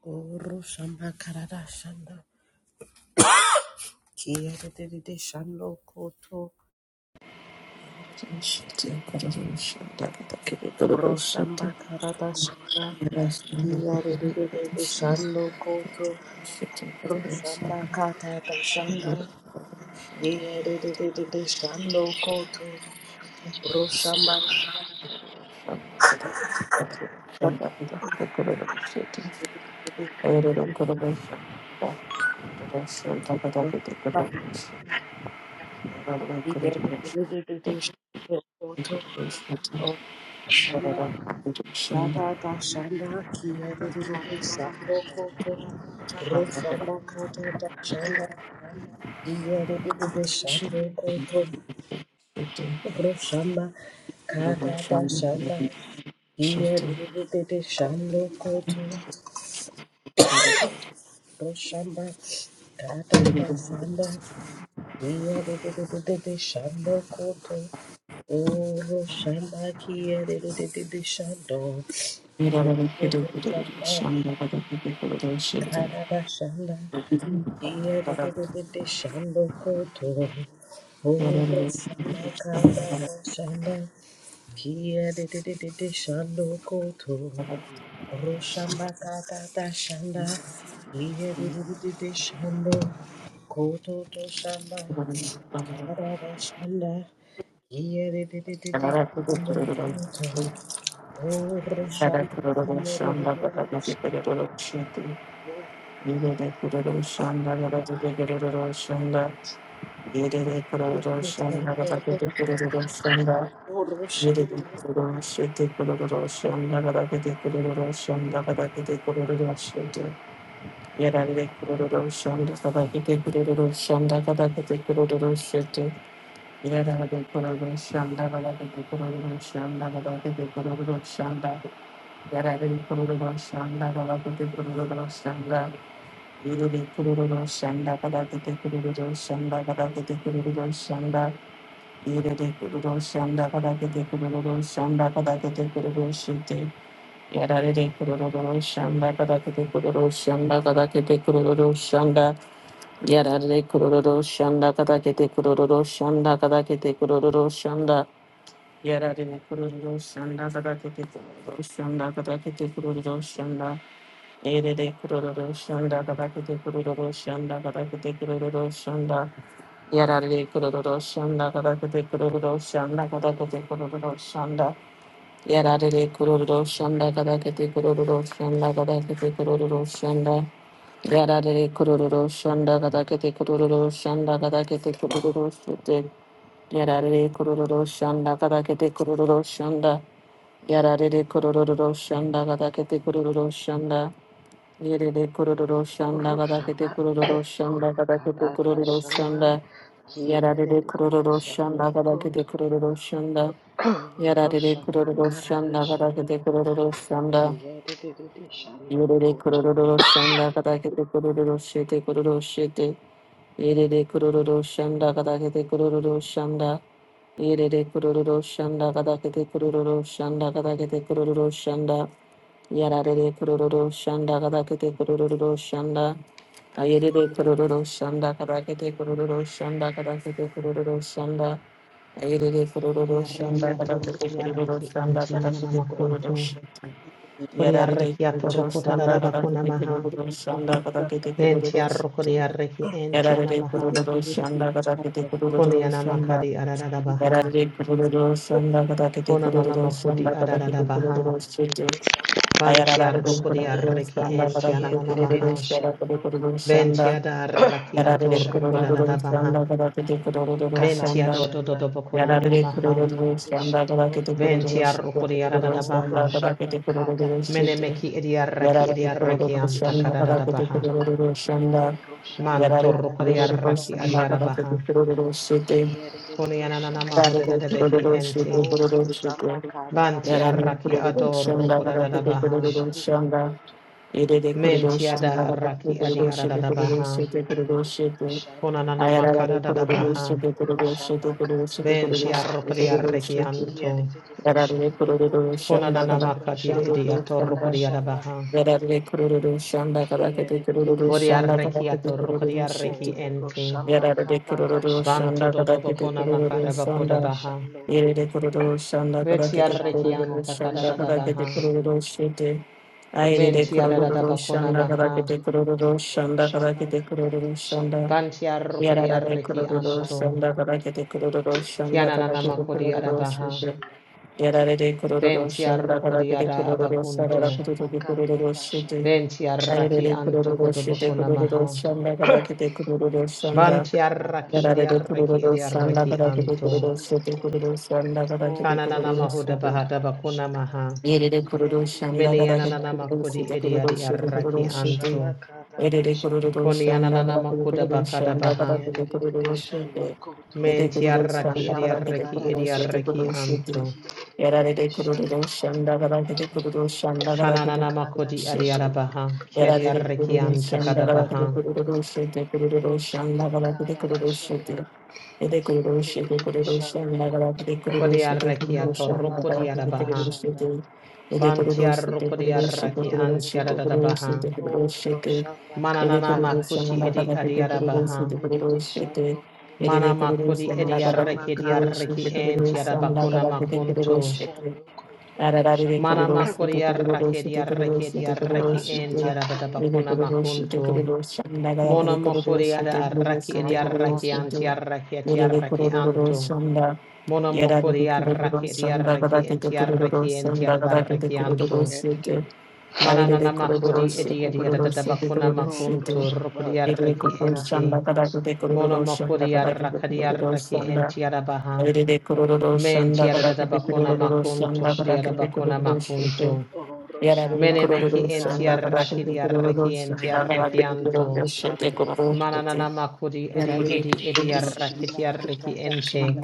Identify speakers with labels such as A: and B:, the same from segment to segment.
A: Guru Shamba Karada Shanda Kia Dede Shando Koto
B: Shut
A: Guru Shamba Karada Shanda Kia Dede Shando Koto Guru Shamba Karada Shanda Kia Dede Shando Koto Guru Shamba Karada Shanda Kia Dede Shando Koto Oro shamba. Ababa shanda kiyerere sando koto roshanda kata ta shanda kiyerere shando koto roshamba katata shanda kiyerere shando koto roshamba katata shanda kiyerere shando koto o roshamba kiyerere shando koto
B: Shanda,
A: roshamba katata shanda Kia de de de de de shando koto, oro shama kaba ba shanda. Kia de de de de de shando koto, oro shama kaba ba shanda. Kia de de de de de shando koto to shama kaba ba shanda. Kia de de de de de shando koto, oro shama kia de de de de de shando koto, oro
B: Shanda
A: shama.
B: Ere Yarare kururu shanda kada kete kururu shanda kada kete kururu shite. Yarare de kururu shanda kada kete kururu shanda kada kete kururu shanda. Yarare de kururu shanda kada kete kururu shanda kada kete kururu shanda. Yarare de kururu shanda kada kete kururu shanda kada kete kururu shanda. Yarare kururu shanda kada kete kururu shanda kada kete kururu shanda. Yarare kururu shanda kadakete kururu shanda kadakete kururu shanda. Yarare kururu shanda kadakete kururu shanda kadakete kururu shanda. Yarare kururu shanda kadakete kururu shanda kadakete kururu shete. Yarare kururu shanda kadakete kururu shanda. Yarare kururu shanda kadakete kururu shanda. Yarare kururu shanda kadakete
A: Urushamba
B: kururu shanda kadakete
A: Katata
B: kururu
A: shanda
B: shanda.
A: ki
B: Yarare
A: edididi
B: kururu
A: shando
B: shanda garake de
A: koto.
B: kururu shanda. Yarare
A: Roshana
B: kururu
A: karara
B: shanda garake
A: shanda
B: de kururu
A: ki
B: shanda.
A: edididi shando
B: Yarare
A: koto.
B: kururu shanda garake de kururu shete kururu shete. Yarare kururu shanda garake de kururu shanda. Yarare kururu shanda garake de kururu shanda garake de kururu shanda. Yarare kururu shanda garake de kururu shanda. Yarare kururu shanda garake de kururu shanda garake de kururu shanda. Ayrede kururu şanda
C: Koriarrekiato
B: kadar tepe kururu
C: rukriarreki
B: şanda kadar tepe Shanda
C: entiananamakuntu.
B: ş-
A: Kiedidididi
B: yararede
C: Koriarrekiato
B: kururu şanda kadar
C: rokotadabakuna
B: tepe
C: maha.
B: kururu şanda kadar tepe kururu
A: Shando
B: ş-
C: Ventiarrokoriarreki
B: yararede
C: entianamaha.
A: Koto
B: kururu Shanda. kadar tepe
A: Roshana
B: kururu şanda
C: Konianamakadi adadabaha.
A: Karada
B: yararede kururu şanda kadar tepe kururu
C: Konanonamakudi
B: şanda kadar tepe
C: adadabaha.
B: kururu ş-
A: shanda
B: ayararede kururu
C: Bantiarrokoriarreki
B: şanda kadar tepe
A: ki
B: kururu
A: edididi
C: entiananamaha.
B: ş- yararede
A: shando
B: kururu
A: koto.
B: şanda
C: Ventiadarrakiato
B: yararede
A: Roshamba
B: kururu
C: rokodadabaha.
B: şanda kadar tepe
A: karara shanda ki
B: Yarare
C: Ventiadodododobakunanamaha.
B: kururu
A: edididi
B: standa kada
A: shando
B: kete
A: koto.
B: kururu shite kururu
A: O
C: Ventiarrokoriadadabaha.
B: standa kada kete
A: Roshamba Kata
B: kururu shite
C: Menemeki
A: Dashanda
C: idiarreki
B: yarare kururu
A: Kiedede
C: idiarrekianta
B: standa kada
A: Shando
B: kete
C: kadadabaha.
A: Koto
B: kururu standa
A: O Roshamba
C: Manto
B: yarare
A: Kata
B: kururu
A: Dashanda
C: rokoriaraki
B: standa kada kete
C: adiarabaha.
B: kururu shite
A: Kiedede
C: Konianana
A: Shando
B: yarare
A: Koto
C: mahodadabehi
B: kururu
A: O
B: shite
C: enti.
B: kururu
A: Roshamba
B: shite
A: Kata
C: Banti
A: Dashanda
B: yarare
C: araki
B: kururu
C: ador
B: standa kada kete
A: Kiedede
C: rokodadabaha.
B: kururu
A: Shando
B: standa
A: Koto
B: irere kururu
C: Menti
A: Roshamba
B: standa kada
A: Kata
B: kete
C: adaraki
B: kururu
A: Dashanda
B: shite kururu
C: adiarabaha.
B: shite kururu
A: Kiedede
B: shite
A: Shando
C: Konanana
A: Koto
B: ayarare kururu
C: makaradadabaha.
B: shite kururu shite
A: Roshamba
B: kururu
A: Kata
B: shite
C: Benti
B: kururu
A: Dashanda
B: shite kururu
C: arrokoriaraki
B: shite
A: kia
C: anto.
A: de de de de
B: Yararlı
A: Shando
B: kururu
A: Koto
B: şanda
C: Konanana
B: kadar
C: makadi
B: kururu
A: Roshamba
C: ediator
A: Kata
B: şanda
A: dashanda
C: rokoriarabaha.
B: yararlı kururu şanda kadar kete
A: Kiyerere
B: kururu şanda
A: shando
B: kadar
C: Bodiaraki
B: kete
C: ator
A: koto
B: kururu
C: rokoriaraki
B: şiti
A: oro
C: enti.
A: shamba
B: yararlı
A: kata
B: kururu
A: rashanda.
C: Banto
B: şanda kadar kete
C: dodobokona
B: kururu
C: makarabako
A: Kiyerere
B: şanda
C: dabaha.
A: shando
B: yararlı
A: koto
B: kururu şanda kadar
A: oro
B: kete
A: shamba
C: Betiaraki
B: kururu
A: kata
C: anta
B: şanda kadar
A: rashanda.
C: karadadabaha.
B: kete kururu şiti ayrılı
C: Menti adada
A: Kiyerere
B: kururu
C: bakona
A: shando
B: şanda kadar
C: maha.
A: koto
B: kete kururu
A: oro
B: şanda kadar
A: shamba
B: kete
A: kata
B: kururu şanda
A: rashanda.
C: Banti arrokodi
B: yararlı
A: Kiyerere
C: arreki
B: kururu
A: shando
C: anto.
B: şanda kadar
A: koto
B: kete kururu şanda
A: oro
B: kadar
C: Kianana
B: kete
A: shamba
C: makodi
A: kata
B: kururu
C: adabaha.
B: şiti
A: rashanda.
B: Yarare kororo
A: Kiyerere
C: Benti
B: shanda
A: shando
C: arrokodi
B: karakere
A: koto
B: kororo
A: oro
C: adabakunto.
B: sarara
A: shamba
B: kututuki
A: kata
B: kororo shite.
A: rashanda.
C: Benti arraki
B: Ayarere
C: anto
B: kororo
C: kodo
A: Kiyerere
B: shite
C: bakona
A: shando
B: kororo
C: maha.
A: koto
B: shanda karakere kororo
A: Roshamba
B: shanda.
C: Banti
A: karada
C: arraki edi
B: Yarare
A: shanda
C: arreki
B: kororo shanda karakere
A: kiyadididi
C: anto.
B: kororo
A: shanda
B: shite
A: ko
B: kororo shanda
A: o
B: karakere
C: Kananana
B: kororo
A: roshamba
C: mahoda
B: shite.
C: bahada
A: karada
C: bakona
A: shanda
C: maha.
B: Yerere kororo shanda
C: Meni
A: kiyadididi
B: karakere
C: ananana
A: shanda
B: kororo
A: ko
C: makodi
B: shite
C: edi
A: so roshamba
C: anto.
A: karada
B: Ede de
A: shanda
B: kururu
C: Koni
B: shanda
C: ananana
B: kala kete
C: makoda
B: kururu
C: bakada
B: shanda kala
C: baha.
B: kete
A: kiyadididi
B: kururu
A: shanda
B: shete.
A: ko to
B: Ede
C: Menti
B: kururu
C: arraki
B: shanda
C: edi
B: kala
A: roshamba
B: kete kururu
A: karada
B: shete
A: shanda
B: kururu shete.
C: anto.
B: Era de
A: kiyadididi
B: de kururu
A: shanda ko
B: shanda
A: to
B: kala kete
A: o
B: kururu shanda kala
A: roshamba
B: kete
C: Kananana
B: kururu
C: makodi
A: karada
B: shete.
A: shanda
C: adiarabaha,
B: Era de de kururu
C: kiadiarakian
A: kiyadididi
B: shanda kala
A: shanda
B: kete
A: ko
C: takadabaha,
A: to
B: kururu shete kururu
A: roshamba
B: shanda kala kete
A: karada
B: kururu
A: shanda
B: shete. Ede kururu
A: Kia de de
B: shete
A: de de
B: kururu
A: shano
B: shanda kala
A: koto
B: kete kururu shete kururu
C: kodiarakiato
A: roshamba
B: shanda kala
A: kata
B: kete
A: ta
C: rokodiarabaha,
B: kururu
A: shana.
B: shete. Ede
A: Kia de
B: kururu
A: de de
B: shete
A: de de
B: kururu shete
A: shano
C: bantiarokodiarakian
B: kururu
A: koto
B: shete kururu
C: tiadadabaha,
B: shete kururu
A: o
B: shete.
A: roshamba
B: Ele
C: mananana
A: kata ta
B: kuruluşa
C: makuti
A: shana.
C: edi
B: mülakata tepe
A: Kia
C: adiarabaha,
B: kuruluşu
A: de
B: te
A: de de de
B: kuruluşu
A: shano
B: te.
A: koto
B: Ele
C: mana
B: de
C: makodi
B: kuruluşa mülakata
A: roshamba
B: tepe
A: kata ta
B: kuruluşu
C: ediarakidiaraki
B: te
C: en
A: shana.
B: kuruluşa
C: tiadabakuna
B: mülakata
A: Kia de
B: tepe
A: de de
C: makunto,
A: de
B: kuruluşu te.
A: shano koto
B: Ararari de
A: roshamba
C: mana
B: kuruluşu
C: makodi
B: te kuruluşu te kuruluşu te
C: makodiarakediarakediaraki
B: kuruluşu
C: en
A: rashana.
B: te.
A: Kia de de
B: Ele
C: tiadadabakuna
A: de de
B: kuruluşu te
C: makunto,
A: shano
B: kuruluşa mülakata
A: koto
C: mona
B: tepe
C: makodi
A: roshamba
B: kuruluşu te
C: mokodiadaraki
B: kuruluşu te
A: kata ta
C: ediarakian
B: kuruluşu te.
A: shana.
C: tiaraki
B: Ele de
C: etiaraki anto,
B: kuruluşa mülakata Yararı de
C: Monomokori arraki
B: kuruluşa
C: edi arraki
B: mülakata tepe
C: enti arraki
B: kuruluşa
C: enti
B: mülakata tepe
C: arraki anto.
A: Kia de
B: kuruluşu
A: de
B: te.
A: de
B: Ayrı
C: Mananana
B: de
A: de
C: makodi
B: kuruluşu
A: shano
B: te
C: edi edi
A: koto
C: adadabakuna
A: o
C: makunto
A: roshamba.
C: rokodi
B: here we
C: arraki
B: can see the rose
C: enti.
A: Kata
B: sandalwood. We can
A: tashanda
B: see the
C: Monomokori arrakadi
B: rose
C: arraki
B: sandalwood.
C: enti adabaha.
B: Here we can see the rose
C: Menti
B: sandalwood. Here we can see the
C: adadabakuna
A: kia de de
B: rose
A: de de
C: makunto
B: sandalwood.
C: kodi
B: We can
A: shando
B: see the
C: adabakuna
A: koto
C: makunto.
A: oro shamba
C: Menemeki
B: rose
C: enti
A: kara ra
B: sandalwood. We can
C: arraki
B: see
C: di
A: shanda
B: the
C: arraki
B: rose sandalwood. We can see the rose
C: enti
A: kia
B: sandalwood.
C: arraki
B: We
A: de
B: can see the rose sandalwood. We can see the rose sandalwood. We can see the rose sandalwood.
A: de de
C: anto.
A: de
B: We
A: shando koto
C: Mananana makodi edi edi edi
A: oro
C: arraki
A: shamba
C: di
A: kata
C: arraki ente.
A: tashanda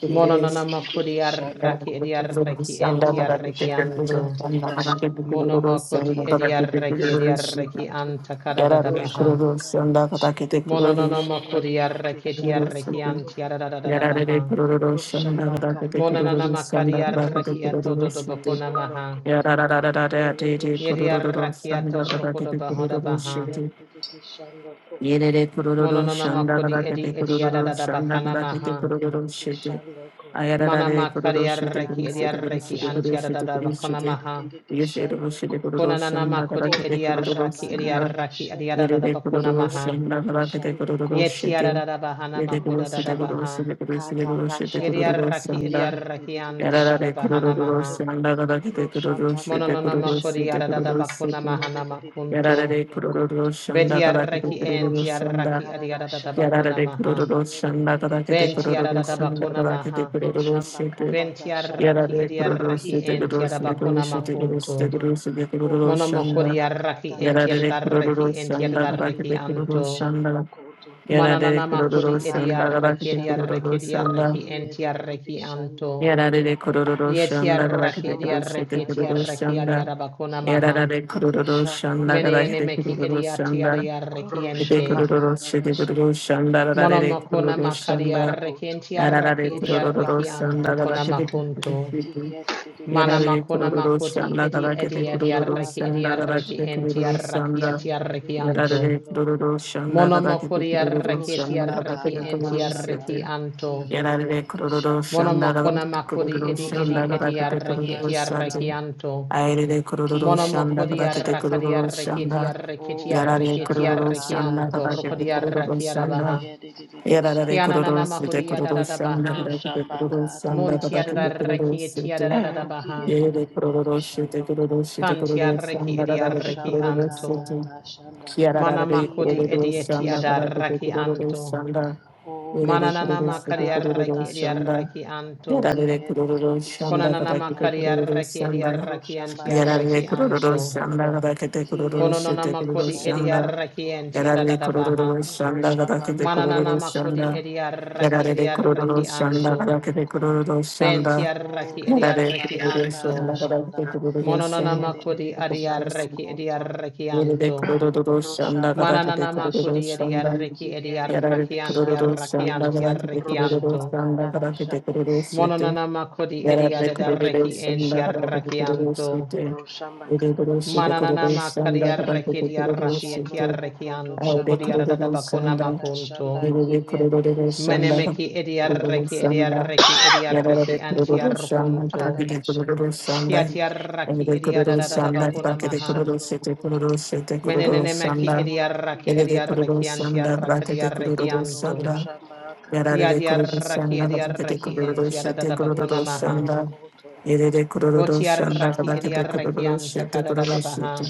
A: kia de
C: Mononana
A: de de de de
C: makodi
A: shando
C: arraki
A: koto
C: ediarreki
A: oro
C: entiarreki
A: shamba
C: anto.
A: kata tashanda
B: can
C: Monomakoti
A: kia de de de
B: see
A: de
B: the
C: ediarreki
B: rose
A: shando
B: sandalwood.
C: ediarreki
A: koto
C: anta kadadada
B: Yarare
A: oro
B: de
C: baha.
A: shamba
B: kururu
A: kara ra
B: shanda kata
A: shanda
B: kete kururu
C: Mononana
A: kia de
C: makodi
A: de de de
C: arraki
A: shando
C: ediarreki
A: koto
C: antiadadada
B: Yarare de
C: baha.
B: kururu
A: oro
B: shanda
A: shamba
B: kata kete
A: kata
C: Mononana
B: kururu
A: tashanda
C: makari
B: shanda kata kete
C: arraki
B: kururu
C: atododo
A: Kiyadididi
B: shite
C: bakona
A: shando
C: maha.
A: koto.
B: Yararararara de
A: Oro
B: de
A: shamba
B: kururu
C: Yediarraki
A: kata ta
B: shanda kata
A: shanda.
C: atorrokoda
B: kete
C: bahada
B: kururu
C: baha.
B: shite
A: Kiyadididi shando koto.
B: Yere de kururu
C: Mononana
A: Roshamba
B: shanda
C: makodi
B: kata
A: kata
C: edi
B: kete
A: ta
B: kururu
A: shanda.
C: ediadada
B: shanda
C: bakana
B: kata kete
C: maha.
B: kururu
A: Kiyadididi
B: shite
A: shando koto.
C: Mana
B: Ayararare kururu
C: makari
B: shite
A: Roshamba
C: arraki
B: kuru shite
A: kata
B: kuru
A: ta
C: ediarreki
B: shite
A: shanda.
B: kuru shite
C: antiadadada
B: kuru
C: bakona
B: shite
C: maha.
A: Kiyadididi
B: Yese kuru
A: shando
B: shite
A: koto.
B: kururu
C: Konanana
B: shanda kata
C: makodi
B: kete
A: Oro
B: kururu
A: shamba
C: ediaraki
A: kata
B: shanda
A: ta
C: ediaraki
A: shanda.
B: Yere
C: ediarada
B: de
C: bakuna maha.
B: kuruluşun da
A: Kiyadididi
B: kadar da
A: shando koto.
B: kuruluşuydu.
C: Yetiarada bahana
B: Yere
A: Oro
C: makoda
B: kuruluşu
C: dada
B: da
A: shamba
C: baha.
B: kuruluşu da kuruluşu da
A: kata ta
B: kuruluşu da
A: shanda.
C: Yediaraki
B: kuruluşun da.
C: ediaraki
A: Kiyadididi
B: Yarara
C: antakada
B: de
A: shando
C: bahana
A: koto.
C: maha.
B: kuruluşun da kadar da
A: Roshamba
B: kuruluşu da
C: Mononona
A: karada
C: makodi
B: kuruluşu
A: shanda
B: da
C: arada
B: kuruluşu
C: bakuna
B: da.
A: kiyo de
C: mahana
A: de de de de
B: Yarara
C: makunto.
B: de
A: shando koto.
B: kuruluşun da kadar da
C: Bediaraki
A: O Roshamba
B: kuruluşun da.
C: entiaraki
A: karada
C: ediarada
A: shanda
B: Yarara
C: bakuna
B: de
C: maha.
A: kiyo de
B: kuruluşun
A: de
B: da
A: de de
B: kadar
A: de
B: da
A: shando
C: Bentiarada
B: kuruluşun da
A: koto.
C: bakuna
B: kadar da
C: maha.
A: Roshamba
B: kuruluşu da.
A: katata shanda
B: Yarara
C: Bentiaraki
B: de
C: ediaraki
B: kuruluşu da
A: kiyo de de
C: entiarada
A: de
B: kuruluşu da
A: de de
C: bakuna
B: kuruluşu
A: shando
C: makunto.
B: da
A: koto.
B: kuruluşu da
A: O
B: kuruluşun
C: Monomokori
B: da.
A: Roshamba
C: araki
A: katata
B: Yarare
A: shanda
B: kururu
C: entiaraki
B: sanda
A: kiyo de
B: kabaki
C: entiaraki
A: de
B: de
A: de de de
B: kururu
C: anto.
A: shando
B: sanda.
A: koto.
B: Yarare
C: Mananana makodi
B: kururu
A: Roshamba
B: sanda
A: karada
B: kabaki
C: ediarraki
B: de
A: shanda
C: ediarraki
B: kururu sanda.
C: ediarraki
A: kiyo de de de de
C: entiarraki
A: shando
C: anto.
A: koto.
B: Yarare kururu sanda kabaki
C: Yetiarraki
B: de
A: Roshamba
B: kururu sete
C: ediarraki
A: katata
B: kururu
C: etiarraki
A: shanda
B: sanda.
C: adiarabakona
A: kia
C: maha.
A: de
B: Yarare
A: de de de
B: kururu
A: shando
B: sanda kabaki
A: koto.
C: Menene
B: de
C: meki
B: kururu sanda.
C: ediatiarraki
B: Ede
A: Roshamba
C: ente.
B: kororo
A: katata
B: shede
A: shanda
B: kororo shanda da da
A: kia
B: de
A: de de
C: Monomokona
A: de
B: kororo
A: de shando
B: shanda
C: makadiarraki
A: koto.
B: da da da de
C: entiarraki
A: Roshamba
B: kororo
C: ediarraki anto
B: shanda da
A: katata
B: da
C: kona
B: kete
A: shanda
B: kororo
C: makunto.
B: shete
A: kia de de de
B: ya
A: de
B: da
C: Mana
B: de
A: shando
C: makona
B: kororo
A: koto.
C: makodi
B: shanda da
C: edi
B: da kete
C: edi
B: kororo
A: Roshamba
C: ediarraki
B: shanda da
A: katata
B: da
C: ediarraki
B: kete
A: shanda
B: kororo
C: entiarraki
B: shanda
A: kia de de
C: etiarraki
A: de
B: ya
A: de
B: da
C: anto.
B: de
A: shando
B: kororo
A: koto.
B: shanda da da kete
C: Monomokodi
B: kororo
C: arraki
B: shanda da
A: Roshamba
B: da
C: etiarraki
B: kete
A: katata
B: kororo
A: shanda
C: entiarraki
B: shete
C: anto.
A: kia de de
B: Yarare
A: de de
B: kororo
A: shando
B: shanda
A: koto.
C: Monomokona
B: rabakete
C: makodi
B: kororo
C: edi edi
B: shanda
A: Roshamba
C: edi
B: rabakete
A: katata
B: kororo
C: arreketi
A: shanda
B: shate.
C: arrekianto.
B: Airere kororo
A: kia de de
B: shanda
A: de
C: Monomokodi
A: de
B: rabakete
A: shando
C: arrakadi
B: kororo
A: koto.
C: arreketi
B: shanda.
C: arreketi
A: O
B: Yarare
C: arreketi
A: Roshamba
B: kororo
A: Kata
B: shanda
C: arrekianto.
B: rabakete
C: Rokodi
A: Tashanda
B: kororo shanda.
C: arrakiadabaha.
A: Kiedididi
B: Yarare
A: Shando
C: Kianana
B: kororo sete
A: Koto
C: mahudi
B: kororo shanda
C: adadabaha.
B: rabakete
A: Roshamba
B: kororo
A: Kata
B: shanda
C: Monti
B: rabakete
A: Tashanda
B: kororo
C: adarrekieti
B: sete.
C: adadabaha.
B: Yere
A: Kiedididi
B: kororo shete
A: Shando
B: kororo
A: Koto
B: shete
C: Kanti
B: kororo
C: arreki
B: shanda
C: edi
B: rabakete
A: Roshamba
B: kororo
C: arrekianto.
A: Kata
B: sete.
A: Tashanda
B: Kiarararare
C: Manamakodi
B: kororo
C: edi
A: Kiedididi
C: eti
B: shanda
A: Shando
B: karakete kororo
A: Koto
C: adarrekianto.
B: shanda.
A: O
B: Erere
C: Mananana
B: kororo
A: Roshamba
B: sete
C: makari
A: Kata
B: kororo
C: arreki edi
B: shanda.
A: Tashanda
C: arrekianto.
B: Yararare kororo
A: Kiedididi
B: shanda
A: Shando
C: Konanama
B: karakete
C: kari
A: Koto
B: kororo
C: arraki edi
B: shanda.
C: arraki anti
A: Roshamba Kata
B: Yararare
C: arraki
B: kororo
C: anto.
A: Tashanda
B: shanda karakete kororo sete
C: Kononama
A: Kiedididi
B: kororo
C: kodi edi
A: Shando
B: shanda.
C: arraki
A: Koto
C: anti
B: Yararare
C: adadabaha.
B: kororo shanda
A: Roshamba
B: karakete
A: Kata
B: kororo
C: Mananama kodi
B: shanda.
A: Tashanda
C: edi arraki edi
B: Yararare kororo
C: arraki
A: Kiyerere
B: shanda
C: anto.
A: shando
B: karakete
A: koto
B: kororo
C: Benti
B: shanda.
C: arraki
A: oro
C: edi
B: Yararare
A: shamba
C: arraki
B: kororo
A: kata
C: anto.
B: shanda
A: tashanda
B: karakete kororo
C: Mononama
B: shanda. karakete
C: kodi
A: kiyerere
C: adi
B: kurururu
A: shando
C: arraki
B: shanda
C: edi
A: koto
C: arraki
B: Yeride
C: anto.
B: kurururu
A: oro
B: şanda
A: shamba
B: kadar tepe
A: kata
C: Mananama
B: kurururu
C: kodi
A: tashanda
C: edi
B: şanda.
C: arraki edi arraki
A: kiyerere
B: Yararı
C: anti
A: shando
B: kurururu
C: arraki
B: şanda
A: koto
C: anti
B: kadar tepe
C: arraki
A: oro
B: kurururu
C: anto.
A: shamba kata
B: şanda kadar tepe
A: tashanda
B: kurururu şete.
C: Mononama kodi edi
B: Yarabra
C: adadarraki
B: Kurudos
A: kiyerere
B: and
C: anti
A: shando
B: Lakabaka
C: arraki
A: koto
B: Kurudos
C: anto.
B: City,
A: oro shamba kata
B: Udeburusi, the
A: tashanda
C: Mananana
B: Kurudos and Lakabaka
C: makariaraki
A: kiyerere
B: Kurudos
C: diaraki
A: shando
B: City,
A: koto to
C: etiarrekianto
B: Audi
A: shamba
C: kodiarada
B: Kurudos
C: bakuna
A: kata
B: and
A: tashanda
C: makunto.
B: Yuri
A: kiyerere
B: Kurudos and
C: Menemeki
A: shando koto
C: ediarreki
B: Kurudos and
C: ediarreki
B: Yarabra
C: ediarreki
B: Kurudos
A: Roshamba
B: and
C: antiarrukunto.
A: karada
B: Lakabaka
A: shanda
B: Kurudos and
C: Kiatiarraki
B: Ede
A: kiye
B: Kurudos
C: ediarada
B: and
A: de de
C: bakuna
A: de de
B: Lakabaka
C: maha.
B: Kurudos
A: shando
B: City,
A: koto.
B: Kurudos City,
A: O
B: Kurudos
C: Menenemeki
B: and
A: roshamba
C: ediarraki
A: kiye de
B: Ede
A: de de
C: ediarreki
A: de
B: Kurudos and
A: shando
B: Lakabaka
A: koto to
B: Kurudos
C: antiarrakadiarrekianto.
B: and
A: shamba karada
B: Yarare kururu
A: shanda
C: Yadiarraki
B: shanda kadakete
C: ediarreki
A: kiye
B: kururu
A: de de
B: shete
C: entiarada
A: de de
C: bakuna
B: kururu
C: maha.
A: shando
B: shanda.
A: koto.
B: Yerere
A: O
B: kururu shanda
C: Botiarraki
A: roshamba
B: kadakete
A: karada
B: kururu
C: ediarrekianta
B: shete
A: shanda
B: kururu
C: kadada
B: shete.
C: baha.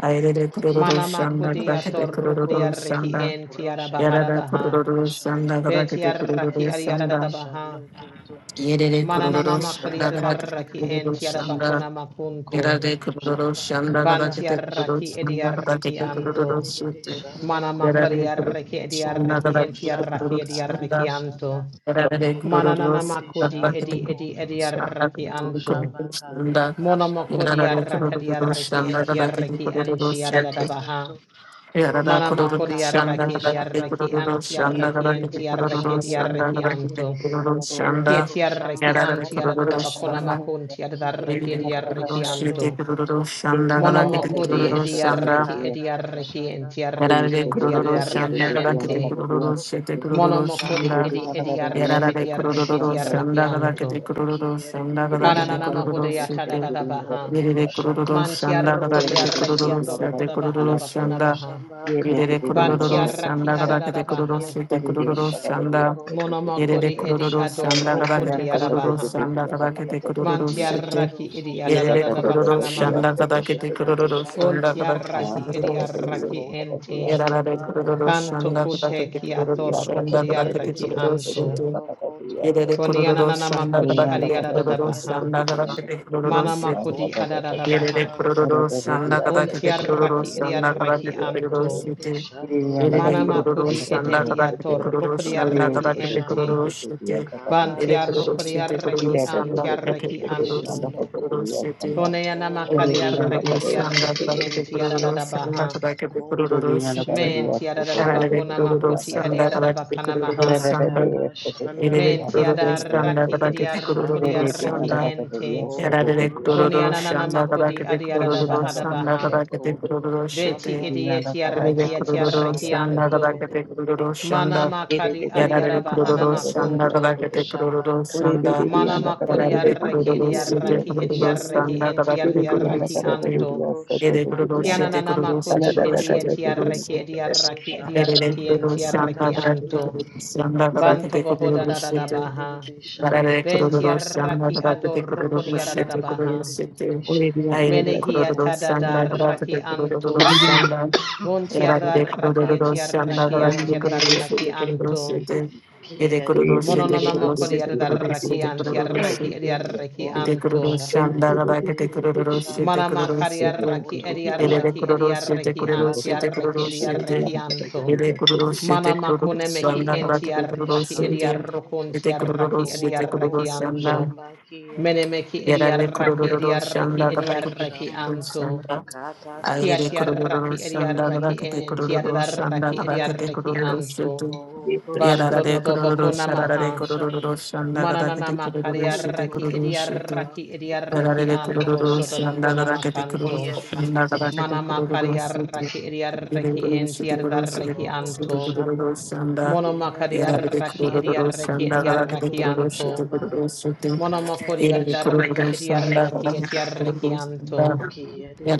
B: Ayerere kururu
A: kiye
C: Manama
A: de de
B: shanda
A: de de
C: kudia
B: kadakete
A: shando
C: torrukudia
B: kururu
A: koto.
C: reki
B: shanda.
C: en tiara
A: Roshamba
C: bahara
B: Yarara
C: baha.
A: karada
B: kururu
A: shanda
B: shanda
C: Betia
B: kadakete
A: kiye
B: kururu
C: raki
A: de de de
C: ariara
A: de
C: da
B: shanda.
C: baha.
A: shando koto.
B: Yerere
A: O
B: kururu
C: Mananana makudia
B: shanda
A: Roshamba
C: da
B: kadakete
A: Kia
C: raki
A: de de
C: en
B: kururu
A: de de
C: tiara
B: shanda.
A: Shando.
C: bakuna makunto.
A: Koto
B: Yarare
A: to
B: kururu
A: Shamba
B: shanda
A: Kata
C: Bantia
B: kadakete
A: ta
B: kururu
C: raki
A: Shanda.
B: shanda
C: edia reki
B: kadakete
A: Kia de
B: kururu
C: anto.
A: de de de
B: shete.
A: Shando
C: Manama
A: Koto.
B: Yarare
C: kudia reki
B: kururu
C: edia
B: shanda
A: O
C: reki en
B: kadakete
C: tiara
A: Roshamba
C: raki
B: kururu
C: edia
A: Kata
B: shanda.
A: da
C: reki anto.
A: Shanda.
B: Rabade
A: Kia de de
C: Mananana
A: de
B: Kurodos,
A: de
C: makudi
B: Bakati
A: Shando
C: edi edi
A: Koto.
C: edia raki anto.
A: Roshamba Kata
B: Shanda,
A: ta Shanda.
B: Yadana
C: Monomokodia rakadia
B: Kurodos,
C: reki en
B: Shanda,
A: Kia
C: tiara
A: de
B: Bakati
A: de
C: reki
A: de de
C: en
B: Kurodos,
C: tiara da
A: Shando
C: baha.
A: Koto.
B: Yadana
C: Mana
A: Roshamba
B: Kurodos,
C: makori
A: Kata
B: Shanda,
A: ta
C: arraki di
B: Bakati
A: Shanda.
C: arraki
B: Kurodos,
C: anti
B: Shanda,
D: Thank
A: Kia de
C: arraki
A: de
B: Bakati
A: de
C: anti
A: de
C: arraki
B: Kurodos,
C: di
A: Shando
B: Shanda,
C: arraki
A: Koto.
B: Bakati
C: anto.
B: Kurodos,
A: O
B: Shanda,
C: Kieti arraki
A: Roshamba
B: Yadana Kurodos,
C: anti
A: Kata
B: Shanda,
A: ta
C: adada
B: Bakati
C: bakona
A: Shanda.
C: makunti adada arraki di
A: Kiyerere
C: arraki
A: shando
C: anto.
A: koto
B: Kurodos, Shanda,
C: Mono
B: Bakati
C: makori
A: oro
C: edi
B: Kurodos,
A: shamba
B: Shanda,
C: arraki edi
A: kadada
C: arraki
A: shanda
C: anti
B: Yarara
C: arraki
B: de
C: anti
B: kurororo
C: adada
A: kiyerere
B: shanda
C: arraki
A: shando
B: gadakete
C: ente.
A: koto
B: kurororo shete
A: oro
C: Mono
B: kurororo
A: shamba
C: makori
B: shanda.
C: edi edi
A: kadada
B: Yarara
C: arraki
B: de
C: di
A: shanda
C: arraki
B: kurororo
C: di arraki
B: shanda gadakete
C: anto.
B: kurororo shanda
A: kiyerere
B: gadakete
C: Kananana
A: shando
B: kurororo
C: mahude
A: koto
C: yatada
B: shete.
C: dada baha.
B: yere
A: oro
B: Yerere
A: shamba
B: kurororo
C: Manti
B: shanda
C: arroko
A: kiyerere
C: di
B: gadakete
C: arraki
B: kurororo
C: ato
A: shando
C: roko
B: shete
C: da baha da
B: kurororo
A: koto
C: bakona
A: to
B: shanda.
C: maha.
A: shamba
B: yere Yerere
A: kadada
C: Banti
B: kurororo
A: shanda
C: arraki
B: shanda
C: adada
B: gadakete kurororo
C: baha.
B: shete
A: kiyerere
B: kurororo
A: shando
B: shanda.
A: koto
B: Yerere
C: Monamakodi
D: you.
A: oro
C: edi
B: kurororo
A: shamba
B: shanda
D: Yes,
A: kadada
B: gadakete
C: adorokodi
B: kurororo
A: shanda
C: arabaha.
B: shanda gadakete kurororo
A: kiyerere
B: shete.
A: shando
C: Mantiaraki edi
A: koto
B: Yerere kurororo shanda
C: adadadadabakanamaha.
A: Odo
B: gadakete
A: shamba
B: kurororo
A: kia
B: shanda
A: dedede
B: gadakete
C: Bontiaraki
A: shando.
C: edi
B: kurororo shete.
C: araki
A: Koto to
C: ente.
A: shamba
B: Yarare kururu
A: kata
C: Kanto
A: ta
B: shanda krakete
A: shanda
C: koteki
B: kururu shanda
C: atorokodi
A: kia
B: krakete
C: araki
A: dedede
B: kururu
C: anto.
B: shete.
A: shando koto.
B: Yerere kururu
A: Odo
B: shanda
C: Koniananamakodi adi
A: shamba
B: krakete kururu
A: kia
C: adadadabaha.
B: shanda
A: dedede
B: krakete
A: shando.
B: kururu shete.
C: Manamakodi
A: Koto to
B: Yerere
A: shamba
C: adadadabaha.
B: kururu shanda
A: kata ta
B: krakete kururu
A: shanda
C: Bontiaraki edi
B: shanda
C: araki
B: krakete
A: kia
B: kururu
C: anto.
A: dedede
B: shete.
A: shando
B: Yerere
A: koto.
B: kururu
C: Manamakodi
B: shanda
C: edehi
B: krakete kururu
C: atorokodi
B: shanda
C: araki
A: Odo
B: krakete
C: ente.
A: shamba
B: kururu shete.
A: kata
B: Yerere kururu
C: Bantiarokodi
A: shanda
B: shete kururu
C: araki
D: India ko ko
B: shanda
A: kia
D: ko ko
C: antiaraki
B: krakete
D: ko
A: dedede
D: ko ko
B: kururu
C: anto.
D: yanda
A: shando
D: ko
B: shete
D: ko
B: kururu
A: koto.
D: Yes,
B: shete.
D: kanda
C: Kone yana
D: or
A: Odo
D: ye
C: makari
B: Yerere
D: bhi yanda
A: shamba
B: kururu
D: ko
C: arraki edi
D: ko yes ko
B: shanda
A: hiyere
D: ko
C: arraki
D: ko
C: enti
B: krakete
D: ko
A: dede
D: ko
C: tiara da
D: yes
B: kururu
A: shamba
D: ko
B: shanda
C: baha.
B: krakete
D: ko ye
A: koto
B: kururu
D: bhi
A: to
D: yanda ko
B: shete.
A: shamba
C: Men tiara da
D: ko
C: da
B: Yarare
C: bakuna
B: kururu
C: makuti edi
B: shanda
C: ara
B: kabakete
C: bakana
B: kururu
C: maha.
A: kata
B: shanda
A: ta
D: yes ko ko
A: shanda
D: ko
C: Men
D: ko ko ko
C: tiara
D: ko yes
A: kiyere
D: ko ko
C: arraki
D: ko
C: edi
A: dede
B: kabakete
C: arruku
D: or ye
A: shando
B: kururu
D: bhi yes ko ko ko ko ko yanda
C: arraki
A: koto
D: ko
B: shete.
D: ko ko
C: ente.
D: yes ko ko ye bhi bhi yanda ko ko yes ko ko ko
B: Yarare
A: odo
D: ko yanda
C: Kone
D: ko
B: kururu
A: shamba
C: yana
D: ko
C: nana
D: yes
B: shanda
A: kiyere
C: makudi
B: kabakete
C: edi
D: ye
A: dede
C: ara da
D: bhi
B: kururu
C: baha
D: yanda
A: shando
D: ko
C: da
D: ko
B: shanda.
A: koto
D: yes
A: to
C: Beti
A: shamba
D: ko ko ko ye bhi
C: edi
D: yanda
C: eti
D: ko
B: Yarare
D: ko
A: kata
C: arraki
D: ko
A: ta
C: eti
D: ko ko ko
B: kururu
C: arraki
D: yes
A: shanda
D: ko
B: shanda
D: ko ko ko ko yes ko ye
C: anto.
A: kiyere
B: kabakete
A: dede
B: kururu
C: Mana
B: shanda.
A: shando
D: bhi
C: makadi
D: bhi bhi
C: edi
A: koto
C: ara
B: Yarare
D: bhi yanda
C: bahana
D: ko
B: kururu
D: ko yes ko
C: makunto.
A: odo
B: shete
D: ko
A: shamba
D: or ye bhi
A: kata ta
D: bhi
C: Mana
D: yanda ko
A: shanda
D: ko
C: makuri
D: ko ko ko
C: arraki edi
A: kiyere
C: arraki
A: dede
D: ko
C: edi
D: yes
B: kururu
D: ko ko
A: shando
C: arraki
B: shanda
C: enti
A: koto
B: kabakete
C: edi
B: kururu
C: arraki
D: Thank
B: shete.
C: anto.
A: odo
B: Yere
A: shamba
B: kururu shete
A: kiyere
C: Kiananama
B: kururu
A: dede
B: shete
C: koti
B: kururu
C: edi
A: shando
C: etiarreki
B: shete
A: Kototo
C: ediarraki
A: shamba
B: Aire de
C: ediarreki
B: Kuru
A: katata
B: Shanda
C: entiarreki
A: shanda
B: Varakuru
C: anto.
B: Shanda
C: Banto bohoda
B: Varakuru
C: da da da
B: Shanda
C: baha.
A: kiyedede shando
B: Arare
A: koto
B: kororo san la da
C: Ventiarraki
B: da de
A: oro
B: kororo
C: adorruko diara da
A: shamba
C: da
B: shete kororo
C: baha.
A: kiyedede
B: shete.
A: shando
B: Aire de
C: Menehia
B: kororo
C: tada
B: san
C: da
A: kototo
B: la da da
A: shamba
C: raki
B: de kororo
C: anto.
B: san la. Arare de
C: Vontiarraki
B: kororo
A: katata
B: san la da
C: etiarraki
B: da
A: shanda
B: de kororo
C: antiarraki
B: shete kororo
C: anto.
B: shete. Ede kororo
A: kiyedede
B: shete
C: Monononama
B: kororo
A: shando
C: kodi
B: shete kororo
C: adarraki
B: shete
A: koto
B: kororo
C: antiarreki
B: shete.
C: ediarreki
B: Ede
A: oro
B: kororo
C: anto.
A: shamba
B: san la da da de
A: kiyedede
B: kororo
A: shando
B: shete
C: Manama
B: kororo shete.
C: kariaraki
A: kototo
B: Ede de
C: ediaraki
A: shamba
B: kororo shete
C: ediaraki
B: kororo shete
A: katata
C: antiaraki
B: kororo
A: shanda
B: shete.
C: ediaraki anto.
B: Ede kororo shete
C: Manama
B: kororo san
C: konemeki
B: la da da de
A: kiyedede
B: kororo
C: entiaraki
A: shando
B: shete.
A: koto
B: Yete kururu
C: ediarrokontiaraki
B: shete kururu
C: ediaraki
A: oro
C: anto.
B: shanda.
A: shamba kiyedede
C: Menemeki
B: Yarare
A: shando
C: ediaraki
B: kururu
C: ediaraki
B: shanda kata
A: Kododo
C: ediaraki
A: shamba
B: kururu
C: anto.
B: shanda.
A: katata
B: Ayere
A: shanda
B: kururu
C: Kiatiaraki
B: shanda
C: ediaraki
B: kata
A: kiyadededede
B: kururu shanda
A: shando
C: entiaraki
B: kata
A: koto
C: ediaraki
B: kururu shete.
C: anto.
A: oro
C: Banto
A: shamba
B: Yarare kururu
C: dodobakona
B: sharare
A: kiyadededede
C: maha.
B: kururu
A: shando
B: shanda gada kete
C: Mananama
B: kururu shete
A: koto
C: kariaraki
A: to
B: kururu shete.
A: shamba
C: ediaraki ediaraki
B: Yarare
A: katata
C: anto
B: kururu
A: shanda
B: shanda
C: dodobakona
B: gada kete kururu
C: makanto.
B: shanda
A: kiyadededede
B: gada
C: Mana
B: kete
A: shando
C: makari
B: kururu
A: koto
B: shete.
C: arraki
B: Yere
C: ediarreki
B: kururu
C: enti
B: shete kururu shete
C: ardarreki
B: kururu
A: oro
B: shete
C: anto.
A: shamba
B: kururu shanda.
C: Mono makari
A: kiyadededede
B: Yarare
C: arraki
A: shando
B: kururu
C: ediarreki
B: shanda gada kete
A: koto
C: ediarreki
A: to
B: kururu shete
C: anto.
A: shamba
B: kururu shete.
C: Mono makori
A: katata
B: Yere
A: shanda
B: kururu
C: ardarreki
B: shanda
C: ediarreki
B: gada kete
C: etiarreki
B: kururu
C: anto.
B: shanda.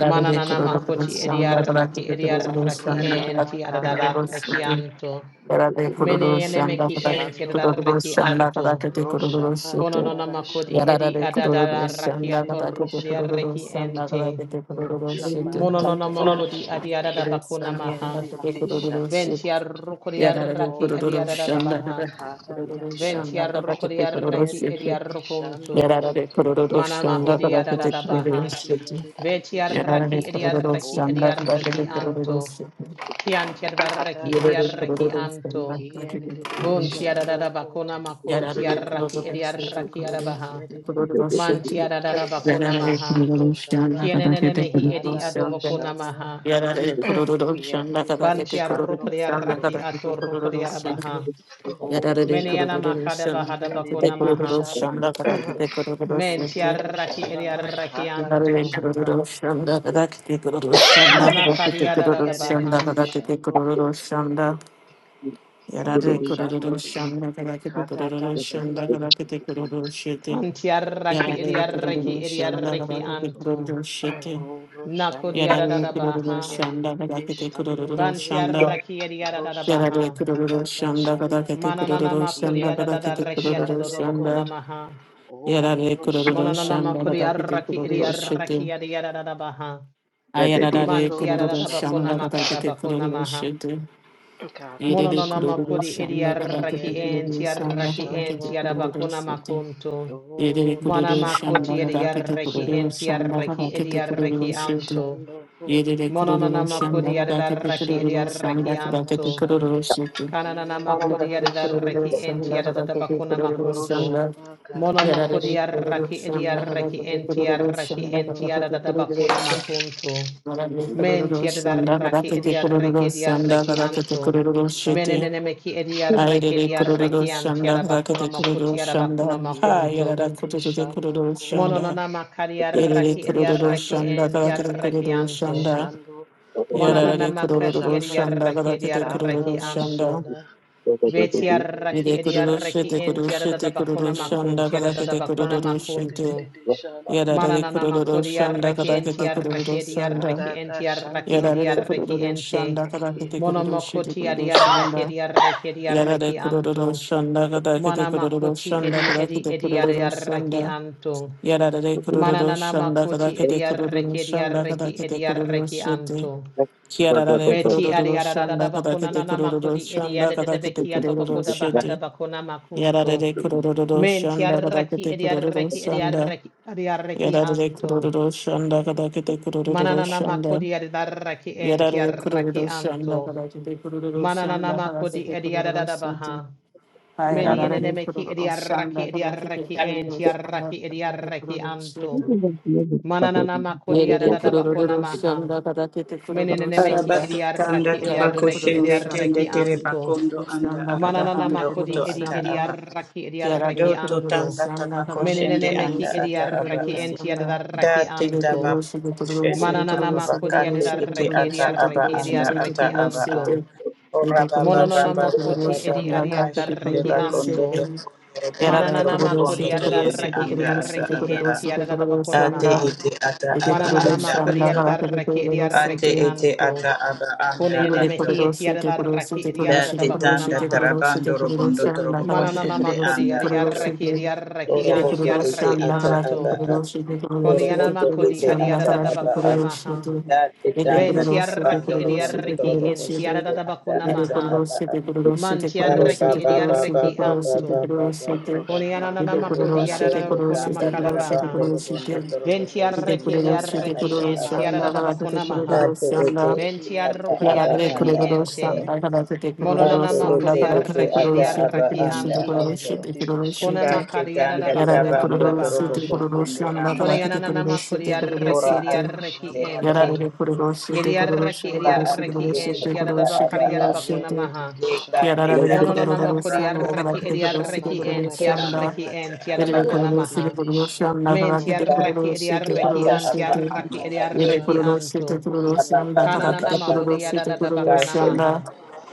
C: Mana nana
A: shando
B: kururu
C: makoti
A: koto
B: shanda gada
C: ediarraki
B: kete kururu
C: ediarreki
A: oro
B: shanda
A: shamba
B: gada
C: enti
B: kete kururu
A: katata
C: ardarreki
B: shete.
A: shanda
C: anto.
B: Yarate
A: Kia de
B: kururu
C: Mene
A: de de de
B: shanda
C: enemeki
B: kada
C: enti
A: shando
B: kururu
C: ardarreki
A: koto
B: shanda kada
C: anto.
B: kete kururu
A: roshamba
C: Kono
B: shete.
C: nana
A: karada
C: makodi
A: shanda.
C: edi
B: Yarare kururu
A: Kia
C: adarraki
A: de
B: shanda
A: de de
B: kada
A: de
B: kete
C: atorrokodi
A: shando
B: kururu
C: arreki
A: koto
B: shanda
C: ente.
B: kada kete kururu
A: roshamba
B: shete.
C: Mono nana
A: karada
C: makodi
A: shanda.
C: adiarada
B: Kururu
C: bakuna
A: Kia
B: shanda
A: de
C: maha.
B: kada
A: de de
B: kete
A: de
B: kururu
A: shando
B: shete.
A: koto
B: Yarare
C: Ventiarrocoriarraki
A: o
B: kururu shanda
A: roshamba
C: adiadadabaha.
B: kada
A: karada
B: kururu
A: shanda.
B: shanda kada kete kururu
A: Kia de
C: Ventiarrocoriarraki
A: de de
B: shete.
A: de shando
C: ediarrocuntu.
B: Yarare
A: koto
B: kururu shanda kada
A: o
B: kete
A: roshamba
B: kururu
C: Manamahodiadadabaha.
A: kia
B: shete.
A: de de de de shando
B: Yarare
C: Vetiarraki
B: kururu
C: ediarraki
A: koto
B: shanda kada
C: ediarraki
B: kete
A: roshamba
B: kururu
C: anto.
B: shete.
C: Chiantiadarraki
A: karada
B: Yarare
C: ediarraki
A: shanda.
B: kururu shanda
C: anto.
B: kada
A: Kia de
B: kete
A: de de de
B: kururu
D: you.
B: shete.
A: shando
C: Buntiadadabacona
A: koto.
B: Yararare kuroroshe
C: macuntiarraki
A: Goro
C: ediarraki
A: shamba
B: kuroroshe
C: adabaha.
A: kiyerere
B: kuroroshe
A: shando.
C: Mantiadadabacona
B: yararare
A: koto
C: maha.
A: Kototo
B: kuroroshe
A: shamba
B: nakada kete
C: Chienenemehi edi
B: kuroroshe
A: katata
C: adobocona
A: shanda
C: maha.
B: yararare kuroroshe nakada
A: kiyerere
B: kete
A: shando
B: kuroroshe
A: koto.
C: Bantiarrocoriarraki
B: nakada kete kuroroshe
C: atorrocoriarabaha.
A: Goro
B: yararare
C: Meniana
A: shamba
C: makada
B: kuroroshe
C: bahada
B: nakada kete
C: bakuna
A: kiyerere
C: maha.
B: kuroroshe
A: shando.
B: nakada kete kuroroshe
C: Men
A: Kototo
C: tiaraki
A: shamba katata
B: yararare
C: ediarakianto.
A: shanda
B: kuroroshe nakada kete kuroroshe nakada
C: Mana
B: kete
C: kadiada da da
B: kuroroshe
C: baha.
A: kiyerere
B: nakada kete
A: shando koto.
B: kuroroshe
A: Goro
B: Yarare
A: shamba
B: kururu shanda karake
A: katata
B: kururu shanda
A: shanda
B: karake te kururu shete.
C: Kantiaraki
B: Yarare kururu
A: kiyerere
C: ediaraki
B: shanda
A: shando
C: ediaraki
B: karake te
A: koto.
C: anto.
B: kururu shete.
A: Goro shamba
C: Nakodiada da
B: Yarare
C: da
B: kururu
C: baha.
B: shanda
A: kiyerere
B: karake te
A: shando
B: kururu
A: koto.
B: shanda.
C: Bantiaraki ediada da da
B: Yarare
A: Roshamba
C: baha.
B: kururu
A: katata
B: shanda
A: shanda
B: karake te
C: Mananana
B: kururu shanda
C: makodiada da
B: karake
C: da
B: te
A: kiyadidididi
C: rakiata
B: kururu
C: do
A: shando
C: do bakuna
B: shanda.
A: koto.
C: maha.
A: O
B: Yarare kururu
A: roshamba
C: Monanana
B: shanda karake te
C: makodiaraki
A: kiyadidididi
B: kururu
A: shando
B: shete.
C: ediaraki ediada da da baha.
B: Ayarare
A: Koto
C: Mantiada
A: to
C: da
B: kururu
C: da bakuna
B: shanda
A: shamba
C: makada
B: karake te
C: bakuna
B: kururu
C: maha.
B: shete.
A: Karada
B: Yedede
C: Mononona
B: kururu
A: shanda
C: makuri
B: şamba da
C: idiaraki
B: bakıtı
C: enti
B: kururu
A: kiyadidididi
B: şamba
C: araki
B: da
C: enti
B: bakıtı
A: shando koto.
B: kururu
C: arabakuna
B: şutu.
C: makuntu.
B: Yedede
A: O
C: Mana
B: kururu
A: roshamba
C: makuti
B: şamba da
A: Karada
B: bakıtı
C: idiaraki
B: kururu
A: shanda
C: enti
B: şamba da
C: araki
B: bakıtı kururu
C: idiaraki
A: kiyadidididi
B: şutu.
C: anto.
A: shando koto.
B: Yedede
C: Mononona
B: kururu
A: O
B: şamba
C: makuri
B: da bakıtı
C: idiaraki
A: roshamba
B: kururu şamba
C: idiaraki
B: da
A: katata
C: anto.
B: bakıtı
A: shanda
B: kururu şutu.
C: Kananana
B: Yedede
C: makuri
A: kiyadidididi
B: kururu
A: shando
C: idiaraki enti
B: şamba
A: koto.
B: da bakıtı
C: arabakuna
B: kururu
C: makuntu.
B: şamba.
A: Roshamba
C: Mono
A: katata
C: makuri
B: Yedede
A: shanda
B: kururu
C: idiaraki
B: şamba da
C: idiaraki
B: bakıtı
C: enti
A: Kiyadididi
B: kururu şamba da bakıtı kururu şutu. Yedede kururu
C: araki
B: şamba da
A: shando
C: enti
B: bakıtı
A: koto
B: kururu
C: arabakuna makuntu. Menti adaraki
A: koro shamba.
C: ediarreki
B: şamba da
C: ediarreki
B: bakıtı
C: anto.
A: Kiyadididi
B: kururu şutu.
A: shando koto
C: Menenemeki
B: Aire
C: ediarreki
B: de
A: koro
B: kururu
C: ediarreki
A: shamba
C: anti
B: shanda braka
A: kadada
C: adabakuna
B: de kururu
C: makuti
A: shanda.
B: shanda
C: adabakuna
B: ha
C: makunto.
B: yara da
A: Kiyadididi
B: kutu de
A: shando
B: kururu
A: koto
B: shanda
C: Mononanama
B: yere de
C: kariarraki
A: koro
B: kururu
A: shamba.
C: ediarreki
B: shanda
C: enti
B: braka de
C: arreki
B: kururu
A: Kiyadididi
C: anto.
B: shanda
A: shando
B: yara
A: koto
B: de
C: Mononanama
A: to
B: kururu
C: kati
A: shamba
B: shanda
C: ediarreki
B: braka de kururu
C: ediarreki
A: kadada
C: anto.
B: shanda
A: shanda.
B: yere
C: Vetiarraki
A: Kiyadididi
B: kururu
A: shando
C: ediarreki
B: shete kururu
C: enti
A: koto
B: shete
C: adadabakuna
B: kururu shanda
C: makunti
A: koro
B: braka de
A: shamba.
C: adadabakuna
B: kururu shete
C: makunto.
A: Kiyadididi shando
B: yara de
C: Mananana
B: kururu
C: makodi
A: koto to
B: shanda
C: arreki
B: braka
C: enti
A: shamba
B: de
C: arreki
B: kururu
C: edi
B: shanda
C: arreki
A: kadada
C: enti
A: shanda.
C: arreki
B: yara
C: edi
B: de
C: arreki
B: kururu
C: ente.
B: shanda braka
A: Ki
B: de kururu shete
C: Monomokoti adi
B: kururu
C: arreki
B: shanda
C: edi arreki edi
B: Yada
C: arreki
B: Yarare kururu
C: anto.
B: shanda kada kete kururu
C: Manamakoti
B: shanda
C: edi
B: kada
C: edi
B: kete
C: edi adi
B: kururu
C: arreki
B: shanda.
C: anto.
B: Yada Yarare
D: Thank
B: kururu
C: Mananana
B: shanda kada
C: makoti
B: kete
C: edi
B: kururu
C: arreki edi
B: shanda kada
C: arreki
B: kete
C: edi
B: kururu
C: arreki
B: shete.
C: anto.
B: Kiarare
C: Beti adi
B: kururu
C: adadada
B: shanda kada
C: bakuna
B: kete
C: nana
B: kururu
C: makodi edi
B: shanda kada kete
C: adadadabeki
B: kururu
C: atobakoda bahada
B: shete.
C: bakuna
B: Yada
C: makunto.
B: Yarare kururu
C: Menti
B: shanda kada
C: arreki
B: kete
C: edi
B: kururu
C: arreki edi
B: shanda.
C: arreki edi arreki
B: Yarare
C: anto.
B: kururu shanda kada kete kururu
C: Mananana
B: shanda.
C: makodi adaraki enti
B: Yarare
C: araki
B: kururu shanda
C: anto.
B: kada kete kururu
C: Mananana
B: shanda kada
C: makodi
B: kete kururu shete.
C: ediadadabaha.
B: Shanda,
C: Many enemeki ediaraki ediaraki enti araki ediaraki anto. Mananana makodi adadabakona maha. Many enemeki
E: Arabatu kanda
C: ediaraki
E: tabako
C: ediaraki
E: shende tende
C: ediaraki
E: tere
C: anto.
E: bakondo anda araba
C: Mananana
E: ando oto
C: makodi edi
E: ata aba. a.
C: ediaraki ediaraki
E: Do to
C: anto.
E: tanda tabako
C: Many
E: shende anda
C: enemeki
E: ata aba.
C: ediaraki
E: a.
C: enti
E: Da
C: adaraki
E: te
C: anto.
E: tabako shende
C: Manananama kodi adi
E: tababakate
C: da
E: ete
C: reki edi
E: ata aba
C: arreki edi
E: anda ata
C: arreki
E: aba. a.
C: anto.
E: Ora baba baba
C: Mononanama
E: baba
C: koti edi
E: baba
C: adi adi da
E: kashende
C: reki
E: bakondo to
C: anto.
B: Yara
E: robondo
B: da
E: to
B: Yarada
C: Manananama
E: robokondo
B: Kurusi,
C: kodi
B: the
E: to
C: adi da
E: yende
B: Kurusi, the
C: reki edi
E: anda ata
B: Kurusi, the
C: arreki
E: aba. a.
C: enti
B: Kurusi, the
C: adi da bakona
B: Kurusi, and
E: Ate
C: maha.
E: ete ata
B: the
E: aba
B: Kurusi,
C: Manananama
E: anda
B: and
C: kodi adi da
B: the
C: reki edi
E: Ate
C: arreki
B: Kurusi,
E: ete
C: anto.
E: ata aba
C: Kone
E: anda
C: ene
B: Yere
E: ato.
C: mehi eti
B: kuruluşu
C: adi
B: de
C: da
B: kuruluşu
C: reki
B: de
C: edi adi
B: kuruluşu
C: da
E: Date
B: de
C: bakona
B: kuruluşu
E: tanda
B: de
C: maha.
B: kuruluşu
E: tarabando
B: de
E: robondo
B: kuruluşu anda
E: torobo
B: kalakı de
C: Manananama
E: koshende
B: kuruluşu
C: kodi
B: de
E: anda
C: adi
E: ato.
B: kuruluşu
C: arreki
B: de
C: edi arreki
E: Oro
B: Yere
C: anti
E: oto
B: kuruluşu
E: ete
C: arreki
B: anda
E: ata
B: kalakı de
E: aba
C: anto.
E: a.
B: kuruluşu de
E: Oro
C: Kone
B: kuruluşu de
C: anama
E: oto
C: kodi
E: ete
B: kuruluşu
C: adi
B: anda
C: adi
E: ata
C: da
B: kalakı de
E: aba a.
C: bakona
B: kuruluşu
C: maha.
B: de
E: Date
B: Yere
C: Ben
E: tanda
B: kuruluşu de
C: tiarraki
E: tarabando robondo
B: kuruluşu de
C: ediarreki
E: torobo
C: en
B: kuruluşu de
E: koshende anda
C: tiaradabakuna
B: Yere
E: ata
C: maha.
E: aba
B: kuruluşu
E: a.
B: de kuruluşu
C: Man
B: de
E: Are
B: kuruluşu de
C: tiarraki
E: baba
B: kuruluşu
E: baba
B: de
C: ediarreki
E: baba
B: kuruluşu de
E: baba
C: anto.
E: baba
B: kuruluşu de
E: baba
A: Roshamba
B: Yere
E: shende
C: Koniananamako
A: Karada
B: kuruluşu
A: Shanda
B: de
E: bakondo
C: diaradabakuna
B: kuruluşu
E: tanda
B: de
A: Ki
B: kuruluşu de
E: tarabando
C: makadabaha.
A: Hedididi
B: kuruluşu
E: robondo
B: de
A: Shando
C: Ben
E: torobo
A: Koto
B: Shete
C: tiarraki
E: koshende
B: kururu
E: anda
B: shete
C: ediarreki
E: ata
B: kururu
C: en
A: Roshamba
E: aba
B: shanda
E: a.
B: kada
A: Katata
B: shete
C: tiaradabakuna
A: Shanda
C: maha.
B: kururu
E: Ate ete
B: shanda.
C: Ben
E: ete
A: Ki
E: ata
C: tiarruku
B: Yara
E: aba
A: Hedididi
B: de
C: diarreki
E: anda
A: Shando
B: kururu
E: ato.
C: ente.
A: Koto
B: shanda kada shete kururu
E: Ate
A: Roshamba
C: Mononanamako
B: shanda
E: ete
B: kada
A: Katata
B: shete
E: ete
C: diarreki
B: kururu
E: ata
A: Shanda
B: shete
E: aba
C: ediarreki
B: kururu shete
E: anda
A: Ki
B: kururu
C: anto.
E: ato.
B: shete
A: Hedididi
B: kururu
A: Shando
B: shete.
C: Konamaka
E: Kate
A: Koto
E: tanda
B: Yara de
E: tabando
B: kururu
A: O
E: torobo
C: diaradabakudabakudabaha.
B: shete kururu
A: Roshamba
E: koshende
B: shanda
A: Karada
B: kada
E: anda.
B: shete
A: Shanda
B: kururu
C: Koniananamako
B: shete
A: Ki
B: kururu
C: diarreki
E: Ora ate
B: shete.
A: Hedididi
C: ediarreki
E: ete
A: Shando
E: ata.
B: Yara
C: ente.
B: de
A: Koto
B: kururu shete kururu
C: Yediarraki
B: shete
A: Roshamba
E: Ora
B: kururu shete
C: ediarraki
B: kururu
E: ate
A: Katata
E: ete
C: en
B: shete
A: Shanda
B: kururu
E: ata
B: shete
E: aba
C: tiadabakari
E: a.
B: kururu
A: Ki
B: shete.
C: yadabakunamaha.
A: Hedididi
E: Eka
A: Shando
E: te
B: Yara de
A: Koto
E: tanda
B: kururu
C: Monononamokuri
E: tarabando
B: shanda
A: O
B: kada
C: yarraki
B: shete
E: robondo
B: kururu
E: torobo
B: shete
A: Roshamba
C: ediarraki en
B: kururu
E: koshende
A: Karada
E: anda
B: shanda.
C: tiarraki
A: Shanda
E: ata
C: en
E: aba
B: Yere
E: a.
B: kurulu sile
C: tiadabakunamaha.
A: Kiyedididi
B: kurulu şanda
A: Shando
C: Men
B: karakete
A: Koto
E: Kate
C: tiarraki
B: kurulu
E: ete
B: şete
C: ediarraki
E: ata
B: kurulu
C: an
A: Roshamba
E: aba
B: şete.
E: anda
C: tiarraki
A: Katata
E: ato.
B: Yere
C: ediarraki
B: kurulu
A: Shanda
B: şete
C: antu.
B: kurulu
E: Aba
B: şanda
E: ba ba ba
A: Kiyedididi
E: ba
B: karakete
E: ba ba.
C: Kananamahuri
B: kurulu
A: Shando
B: şete
A: Koto
B: kurulu
E: Kashen
B: şanda.
C: yadadabakanamaha.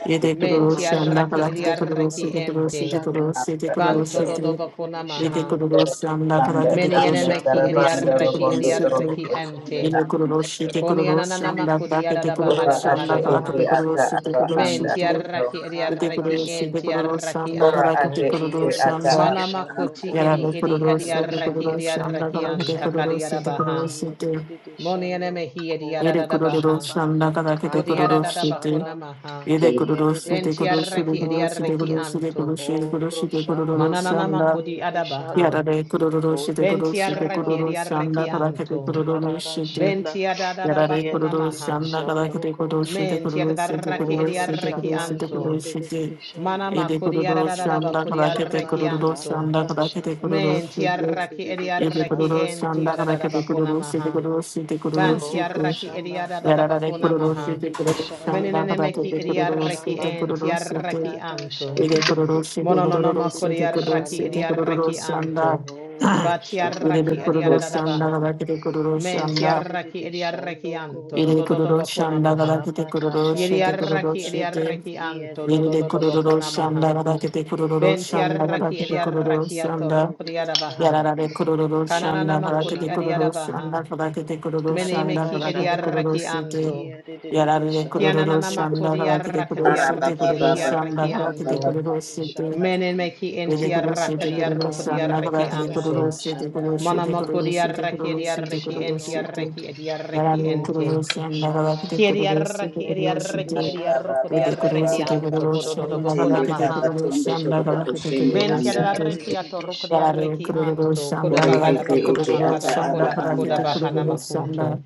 B: Yere
D: you.
C: Men
B: kurulu şanda
A: Roshamba
C: tiarraki
B: karakete kurulu
A: Katata
C: ediarraki
B: şete kurulu
C: ente.
B: şete
A: Shanda
B: kurulu şete
E: anda
D: Thank
B: kurulu
C: Banto
E: ato.
B: şete.
A: Kiyedididi
B: Yere
C: dodobakunamaha.
A: Shando
B: kurulu
A: Koto
B: şanda
E: Tanda
B: karakete
C: Meni
B: kurulu
E: tanda
B: şete
A: Roshamba
C: enemeki
B: kurulu
E: tarabanda
A: Karada
B: şete
C: ediarraki
B: kurulu
E: robondo
A: Shanda
E: torobo
B: şete.
C: ediarraki ente.
E: kusende anda
B: Yere
A: Kiyedididi
B: kurulu
E: ato.
B: şete
A: Shando
B: kurulu
A: Koto
B: şanda
C: Koniananamakuri
B: karakete
A: O
B: kurulu
E: ora ate
B: şanda
A: Roshamba
C: yadabahadabahadabaha.
E: ete
B: karakete kurulu
E: ata
B: şete
E: aba
A: Kiyedididi
B: kurulu
E: anda
C: Menti
B: şete.
A: Shando
E: ato
C: arraki edi
B: Yere
A: Katata
C: arraki
B: kurulu şete
A: Shanda
C: enti
B: kurulu
C: arraki
B: şanda
E: ora
B: karakete
E: ate
C: anto.
E: ete
A: Kia
B: kurulu
A: de de
E: ata
A: de de
B: şanda.
E: aba
C: Manama
A: shando
E: anda.
C: koti
B: Yara
A: koto
B: de
C: edi edi edi
B: Kururosi, the
C: arraki
A: roshamba
C: edi
B: Kururosi, and the
A: kata
C: arraki
A: ta
B: Kavakate
C: anta
A: shanda
C: kariyara
B: Kururosi, the
C: baha.
A: kia de de
B: Kururosi,
A: de de
C: Moni
A: shando
C: eneme hi edi
A: koto
B: Ede
C: arada
A: to shamba
B: Kururosi, and the Kavakate
C: Kodi
A: kata ta
C: arada
B: Kururosi,
A: shanda
C: bakuna maha.
B: Ede
A: kia de de
B: Kururosi,
A: de
B: the
A: de
C: Benti
B: Kururosi,
C: arraki
A: shando
C: edi
B: the
C: arraki
A: koto
B: Kururosi, the Kururosi, the
C: anto.
A: o
B: Kururosi, the Kururosi, the
A: roshamba
B: Kururosi,
A: kia
B: and
C: Mananama
A: de
B: the
A: de de
C: kodi
A: de shando
C: adabaha.
B: Yara de Kururosi, the
A: koto to
C: Benti
B: Kururosi, the
C: arraki
A: shamba
C: edi
B: Kururosi, and the
C: arraki
B: Kavakate
C: anto.
A: kata ta
B: Kururosi,
A: shanda
C: Benti adada
B: Yarare
A: kia de
C: bakuna
A: de
B: kururu
A: de de
C: maha.
B: shamna kada
A: shando
B: kete kururu
A: koto
B: shite
C: Menti
B: kururu shite
C: adarraki
A: o
B: kururu
C: edi
B: shite
C: arraki
B: kururu
A: roshamba
B: shite kururu
A: kia
C: anto.
A: de de de
B: shite.
A: de shando
C: Mana
B: Ede
C: makuri
B: kururu
C: arararara
A: koto
B: shamna
A: to
C: bakuri
B: kada kete
A: shamba
B: kururu
A: kata
C: arrekianto.
B: shamna
A: ta
B: kada kete
A: shanda
B: kururu
C: Men ti
A: Kia
B: shite.
A: de
C: arraki
A: de
C: edi
A: de de
B: Ede
C: arraki
A: shando
B: kururu
C: enti
B: shamna
A: koto.
B: kada
C: arararara
B: kete
C: bakuna
B: kururu shite
C: maha.
B: kururu shite kururu
C: Ban ti
A: Oro
B: shite.
C: arraki edi
A: shamba.
C: arararara
B: Yarare
C: bakuna
A: Kia
B: kururu
A: de
C: maha.
A: de
B: shite
A: de de
B: kururu
A: shando.
B: shamna
C: Menenene
B: kada
C: meki
B: kete
A: Koto
C: edi
A: to
B: kururu
C: arraki
A: shamba.
B: shite
C: enti
B: kururu shite.
C: arraki
A: Katata
C: anto.
A: shamba.
B: Ede kururu shite
A: Kia
C: Mononono
A: de
B: kururu
A: de de
C: makuri
B: shite
A: de
B: kururu
C: arraki
A: shando
C: edi
B: shite kururu
A: koto.
C: arraki
B: shanda.
C: anto.
A: Oro
C: Ba
A: shamba.
B: Ede
C: arraki edi
B: kururu
A: Katata
C: arararara
B: shamna
C: baha.
B: kada
A: shanda.
B: kete kururu
C: Men ti
A: Kia de de de
C: arraki
A: de
C: edi arraki
A: shando
C: anto. Do
A: koto.
B: Yere
C: do do do
B: kororo
C: bakuna
A: Oro
B: shanda gada
C: maha.
B: kete
A: shamba.
B: kororo
C: Yedi
A: Katata
B: shete kororo
C: arraki
A: shanda.
C: edi
B: shete.
C: arraki
A: Kia
C: anto.
A: de
C: Do
A: de
C: do
A: de
B: Yere
C: do
A: de
C: do
B: kororo
C: bakuna
A: shando
B: shanda
C: maha.
B: gada
A: koto.
B: kete kororo
C: Benti
B: shanda
A: Oro
B: gada
C: arraki edi
B: kete
A: shamba.
B: kororo
C: arraki
A: Kia de de
B: shanda.
C: atorruku
A: de
C: di
A: de
C: arabaha.
A: shando.
B: Yarara de kororo
A: Koto
C: Kananana
B: shanda
A: to
B: gada
C: makuri
B: kete
C: edi
A: shamba.
B: kororo
C: arabaha.
B: shanda gada kete kororo
C: Mene
B: shanda
A: Tatata
C: meki
B: gada
C: edi
B: kete
A: shanda
B: kororo
C: arraki
B: shete.
C: anto.
A: kia de de de de
B: Yarara de
A: shando
B: kororo
C: Kiananana
A: koto.
B: shanda
C: makuri
B: gada kete
C: arraki
B: kororo
C: di
E: ara
B: shete
C: arraki
E: baba
A: Oro
B: kororo
C: eti
E: baba
A: shamba
B: shanda
C: arraki
B: gada
A: kia
E: baba
B: kete
C: anto.
A: de
E: baba
A: de de
B: kororo
A: de
E: kashende
B: shete.
A: shando.
C: Mene
E: akondo
C: meki
B: Yere
E: tanda
C: enti
A: Kodo
B: kororo
A: do
C: arraki
B: shete
C: di
E: tarabanda
B: kororo
A: shamba
C: arruku di
E: robondo
B: shanda
C: arraki
B: gada
E: torobo
B: kete
A: katata
B: kororo
E: kusende
C: anto.
B: shete
E: anda
A: shanda
B: kororo
C: Mana
E: ato
B: shete kororo
C: makuri
A: kia
B: shete
A: de
C: arraki
A: de
B: kororo
C: edi
A: de de
B: shete
C: arraki
B: kororo
A: shando
C: enti
B: shete.
C: arraki
A: koto.
C: edi arraki
B: Yarare
C: ente.
A: Oro
B: Kurosyan
A: shamba
B: Nagarakate
C: Kiedi
B: Kurosi
C: arraki
A: kia de
C: edi
A: de de de
C: arraki
B: Kuroshite
E: ari
C: edi
A: shando.
E: baba
C: arruku di
B: Vede
E: baba
C: arraki
E: baba
A: Koto
B: Kurosite
C: anto.
A: do
E: baba
C: Kodododo
B: Kurosyan
A: shamba
C: bokuna
E: kutende
B: Nagarakate
C: maha.
E: taba
A: katata
E: tondo
B: Kurosyan
E: torobo
A: shanda
B: Nagarakate
E: kusende
C: Menti
E: anda
A: kia
B: Kurosite
A: de de
E: ato
C: adareki
A: de de
C: atorukri
A: shando
B: Yarare
C: areki
A: koto.
C: anto,
B: Kurosyan
C: koda
E: ore
C: bakada
E: ete
B: Nagarakate
A: Oro
C: bakona
E: ete
C: makada
E: ata
A: shamba
B: Kurosyan
E: aba
C: bakona
A: katata
E: anda
C: makoda
B: Nagarakate
C: bahana
A: shana.
E: ato
C: makunto.
B: Kurosyan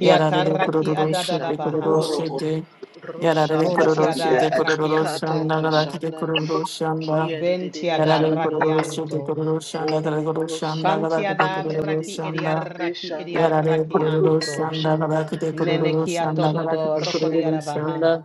B: Yarare
C: Kiataraki
A: Kiedede
C: adadada
B: Kuroshite
A: shando
C: baha,
A: kot
B: Kuroshite Yarare
A: roshamba
E: aba
C: monti
E: anda
B: Kuroshite
E: ato
C: adaraki
B: Kurosyan
C: anto,
A: katata
B: Nagarakate
A: shanda
B: Kurosyan
C: benti
A: kiedede
B: Yarare
A: shando
C: adaraki
A: kot
B: Kuroshite
C: anto,
B: Kurosyan
A: o roshamba
C: panti
B: Nagarakate
A: kiedede
C: adaraki
B: Kurosyan
C: ediaraki
A: shando
B: Yarare
C: ediaraki
A: koto
B: kururu
C: anto,
B: shanda
A: roshamba
B: kabakite
C: nene
B: kururu
A: katata
B: shanda
A: shanda
C: kiatododo
B: kabakite
C: rokodi
B: kururu
C: adabaha,
B: shanda.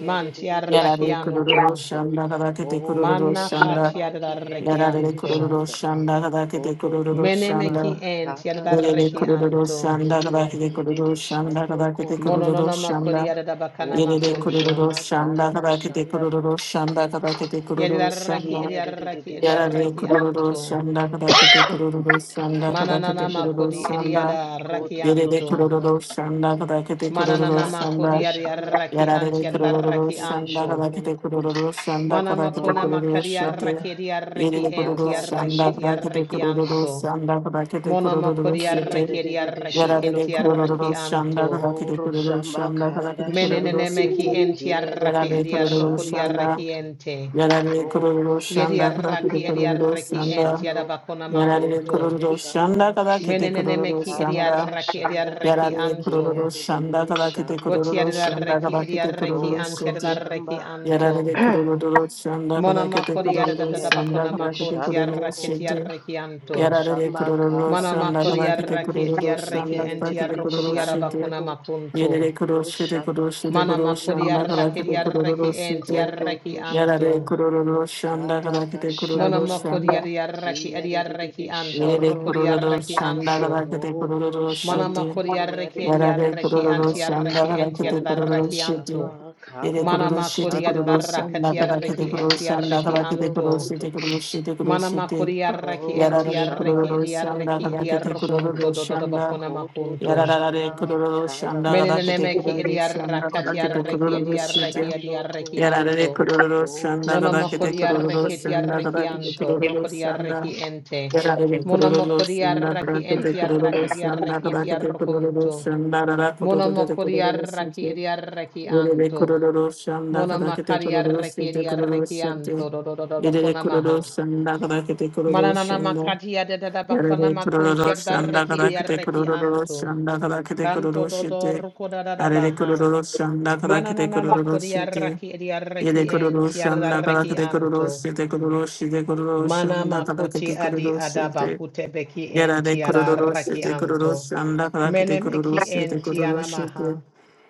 C: manti adaraki
B: Yarare
A: shando
C: anto,
B: kururu
A: koto
B: shanda
A: o
B: kabakite kururu
C: manna
B: shanda.
C: kati
A: roshamba
C: adaraki
B: Yarare
A: kiedede
C: anto,
B: kururu
A: shando
B: shanda kabakite
A: koto
B: kururu
A: roshamba
C: menemeki
B: shanda.
C: enti
A: katata
B: Yarare
C: adaraki
A: shanda
B: kururu
C: anto.
B: shanda kabakite kururu
A: kiedede
B: shanda
A: shando
B: kabakite
A: koto
B: kururu
C: Mononona makori
B: shanda.
C: yarada bakana
A: Oh
B: Yarare kururu
A: shamba
C: makunto.
B: shanda
A: karada
B: kabakite
A: shanda
B: kururu shanda kabakite kururu
C: Yadiraraki
B: shanda.
A: kia de de de
C: idiaraki
A: de
B: Yarare
A: shando
C: idiaraki
A: koto
B: kururu
C: anto.
B: shanda kadakete kururu
A: kia
B: shanda
A: de de de
C: Mananana
B: kadakete kururu
A: shando
C: makodi
B: shanda.
C: idiada raki
A: koto to
B: Yerere
C: anto.
B: kururu
A: shamba
B: shanda kadakete kururu
C: Mananana
A: katata
C: makodi
B: shanda.
A: shanda
C: idiaraki anti
B: Yarare
A: kia de de
B: kururu
C: yadaraki
A: de de
B: shanda
C: anto.
A: shando
B: kadakete
A: koto
B: kururu shanda
C: Mana
B: kadakete
C: makona
A: oro
B: kururu
C: makari
B: shete.
A: shamba
C: yaraki idiaraki
B: Yerere
C: enti
B: kururu
A: katata
C: yaraki
B: shanda
A: shanda
B: kadakete
C: idiaraki
B: kururu
C: anto.
B: shanda kadakete
C: Mona
B: kururu
C: makori
A: kia
B: shete.
C: yaraki
A: de de de de
C: idiaraki
A: shando
C: enti
B: Yarare
A: koto
C: yaraki
B: kururu shanda
C: anto.
A: Oh
B: kadakete kururu
A: shamba
B: shanda
A: karada
B: kadakete kururu
C: Menenene
A: shanda
C: meki
B: shete.
C: enti
A: kia de de
C: yaraki
A: de
B: Yarare
A: de
B: kururu
C: idiaroko
A: shando
B: shanda.
C: diaraki
A: koto
C: ente.
B: Yarare
A: Oh
B: kururu shanda
A: shamba
B: kada kiti
C: Yediaraki
A: kia de de
B: kururu
A: de de
C: ediaraki ent
B: shanda.
A: shando
C: yadabakona
B: Yarare
A: Koto
C: makunto.
A: to
B: kururu shanda
A: shamba
B: kada kiti kururu
C: Menenemeki
A: Kata
B: shanda.
A: Katata
C: ediaraki
A: shanda
C: ediaraki
B: Yarare
A: kia
B: kururu
C: anto.
A: de de de
B: shanda
A: de
B: kada kiti
A: shando
B: kururu
A: koto
B: shanda
C: Botiadaraki
B: kada kete
C: ediaraki
B: kururu
C: ant
A: oro
B: shete.
A: shamba
C: yadaraki anto.
B: Yarare kururu shanda kada kiti
C: Monamakori
B: kururu
A: kia de de
B: shanda
C: yadadabakona
A: de de
B: kada kete
C: makunti
A: shando
B: kururu
C: yarraketi
A: koto
B: shete.
C: yarraki
A: ro
C: anto.
B: Yarare
A: shamba
B: kururu
A: katata
B: shanda
C: Manamakori
B: kada
A: shanda
B: kiti
C: yarraki
B: kururu
C: ediaraki
A: kia
B: shanda
A: de
C: ent
B: kada
A: de de
B: kiti
A: de
C: yarrokodi
B: kururu
A: shando
B: shete.
C: yadabakona
A: koto
C: makunto.
B: Yerere kururu
A: ro
B: shete
A: shamba
B: kururu shete
A: kia
B: kururu
A: de de
C: Manamakori
A: de
B: shanda
A: de
B: kada
C: yarraki
B: kiti
A: shando
B: kururu
C: ediaraki enti
B: shete.
A: koto to
C: yarraki
B: Yarare
A: shamba
C: anto.
B: kururu shanda
A: Kata katata
B: kadakite kururu
A: shanda
C: Manamako
B: shanda.
C: diarraki
A: kia de de de
C: adiarraki
A: de
C: anto,
B: Yerere
A: shando
C: roko
A: koto
B: kororo
C: diarraki anto.
B: şandara rakete
A: oro
B: kororo
A: shamba
B: şete.
C: Manamako
A: kia de
C: diarraki
A: de de de
B: Yarare
C: adiarraki
B: kororo
A: shando
C: antiarraki
B: şandara rakete
A: Koto to
B: kororo
C: entiarraki anto.
B: şete.
A: shamba
B: Yere
A: kata da
B: kororo
C: Manamako
B: şete
A: shanda
B: kororo
C: diarraka
B: şandara
A: kia
B: rakete
A: de
C: tiarraki
A: de
B: kororo
A: de de
B: şandara
C: entiarraki
A: shando
B: rakete
C: anto.
B: kororo
A: koto
B: şete kororo şete kororo
C: Manamako
B: şete.
C: diarraki
A: koro
B: Yarare
A: shamba
C: entiarraki
B: kororo
A: kia de
B: şandara
C: adiarraki
A: de de de
B: rakete
A: shando
B: kororo
C: adiarrokunto
B: şandara.
A: koto to
C: dododobakonamakunto.
A: shamba
B: Yarare kororo
A: kata
B: şandara
A: da
B: rakete
A: shanda
C: Menenemeki
B: kororo şandara
C: adiarraka
B: rakete
A: kia de de
C: tiarraki
A: de
B: kororo
A: de
B: şete.
C: adiarraki
A: shando
C: adiarraki
A: koto
B: Yarare
C: anto.
B: kororo şandara
A: oro
C: Monomoko
B: rakete
C: di
A: shamba
B: kororo
C: arreki ti
A: kia de de
B: şandara
A: de
C: arreki
A: de
B: rakete
C: anto,
A: shando
B: kororo
C: roko di
B: şandara.
C: arreki ente.
B: Yere kururu
C: Monomoko di
B: sanda
C: arreki enti arraka di arreki ti
B: kadar
C: Monomoko di arreki di arreki anto. Monomaka di arreki di maha.
B: kete kururu
C: Mananana
B: sanda.
C: makati ada da da bakona
B: Yarare
C: makunti
B: kururu
C: ada da
B: shanda
C: reki
B: kada
C: di
B: kete
C: arreki
B: kururu
C: anto.
B: shanda kada kete
C: Kanto
B: kururu
C: do
B: shite.
C: da da
B: Yarare
C: baha.
B: kururu shanda kada kete
C: Mananana
B: kururu
C: makodi
B: shite.
C: arreki di arreki
B: Yede kururu
C: enti ada
B: shanda kada kete kururu shite kururu shite kururu
C: Mana
B: shanda kada
C: makuti
B: kete
C: adi
B: kururu
C: adaba
B: shite.
C: hutebeki en
B: Yarare
C: tiara
B: kururu
C: raki
B: shite kururu
C: anto.
B: shanda kada kete kururu
C: Menemeki meki
B: shite
C: en
B: kururu
C: tiana
B: shite.
C: maha.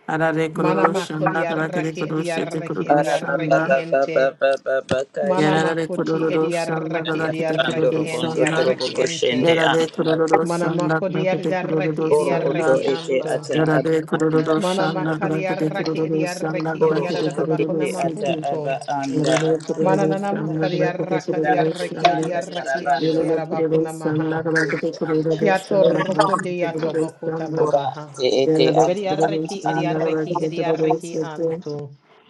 B: Yarare
C: Mana
B: kururu
C: makodi
B: shanda kada kete
C: arraki
B: kururu
C: edi
B: shite
C: arraki
B: kururu
C: edi
E: araba
B: shanda.
C: arraki
E: baba baba
C: ente.
E: baba baka
C: Mana
E: shende
B: Yarare
C: makoti
B: kururu
C: edi
E: kondo
B: shanda
C: arraki edi
B: kadakete
E: tarabando
C: arraki
B: kururu
C: ente
E: rogondo
B: shanda.
E: torobo
C: arraki
E: koshende
C: ente.
B: Yarare
E: anda ato
B: kururu
C: Mana
B: shanda
C: makodi adi
B: kadakete kururu
C: arraki edi
E: oro
A: koto
E: oto
A: to
B: shanda.
C: arraki
E: ete
A: shamba
C: anto.
E: ata aba
B: Yarare
A: kata
E: anda
B: kururu
A: da
C: Mana
B: shanda
A: shanda
C: makari
B: kadakete
A: kia
C: arraki
A: de de
C: edi
B: kururu
A: de
B: shanda
C: arraki edi
E: oro
A: de
B: kadakete
E: oto
A: shando
E: ete
B: kururu
C: adadabakona
E: ata
A: koto
B: shiki.
E: aba
C: makunto.
A: ro
E: anda
B: Yarare
A: shamba
E: ato
C: Mana
B: kururu
A: kata
C: nana
A: da
B: shanda
C: makari
A: shanda
B: kadakete
C: arraka di
B: kururu
E: dati
C: arraki
A: Kia
C: edi
B: shanda.
A: de
E: tanda
A: de de
C: arraki
A: de
E: tarabando
C: anti
B: Yarare
E: rogondo
A: shando
B: kururu
C: arabakona
B: shanda
C: maha.
B: kadakete
E: koshende anda
B: kururu
C: Kiato
E: ato
B: shanda kadakete
C: rokodeato
B: kururu
C: bokota
B: shanda.
E: ora
C: babaha.
E: ate ete
B: Yarare
E: ata
B: kururu
E: aba
C: Bediareki
B: shanda
E: anda
C: ediareki
B: kadakete
E: ato
B: kururu
C: ediareki
B: shiki.
C: antu.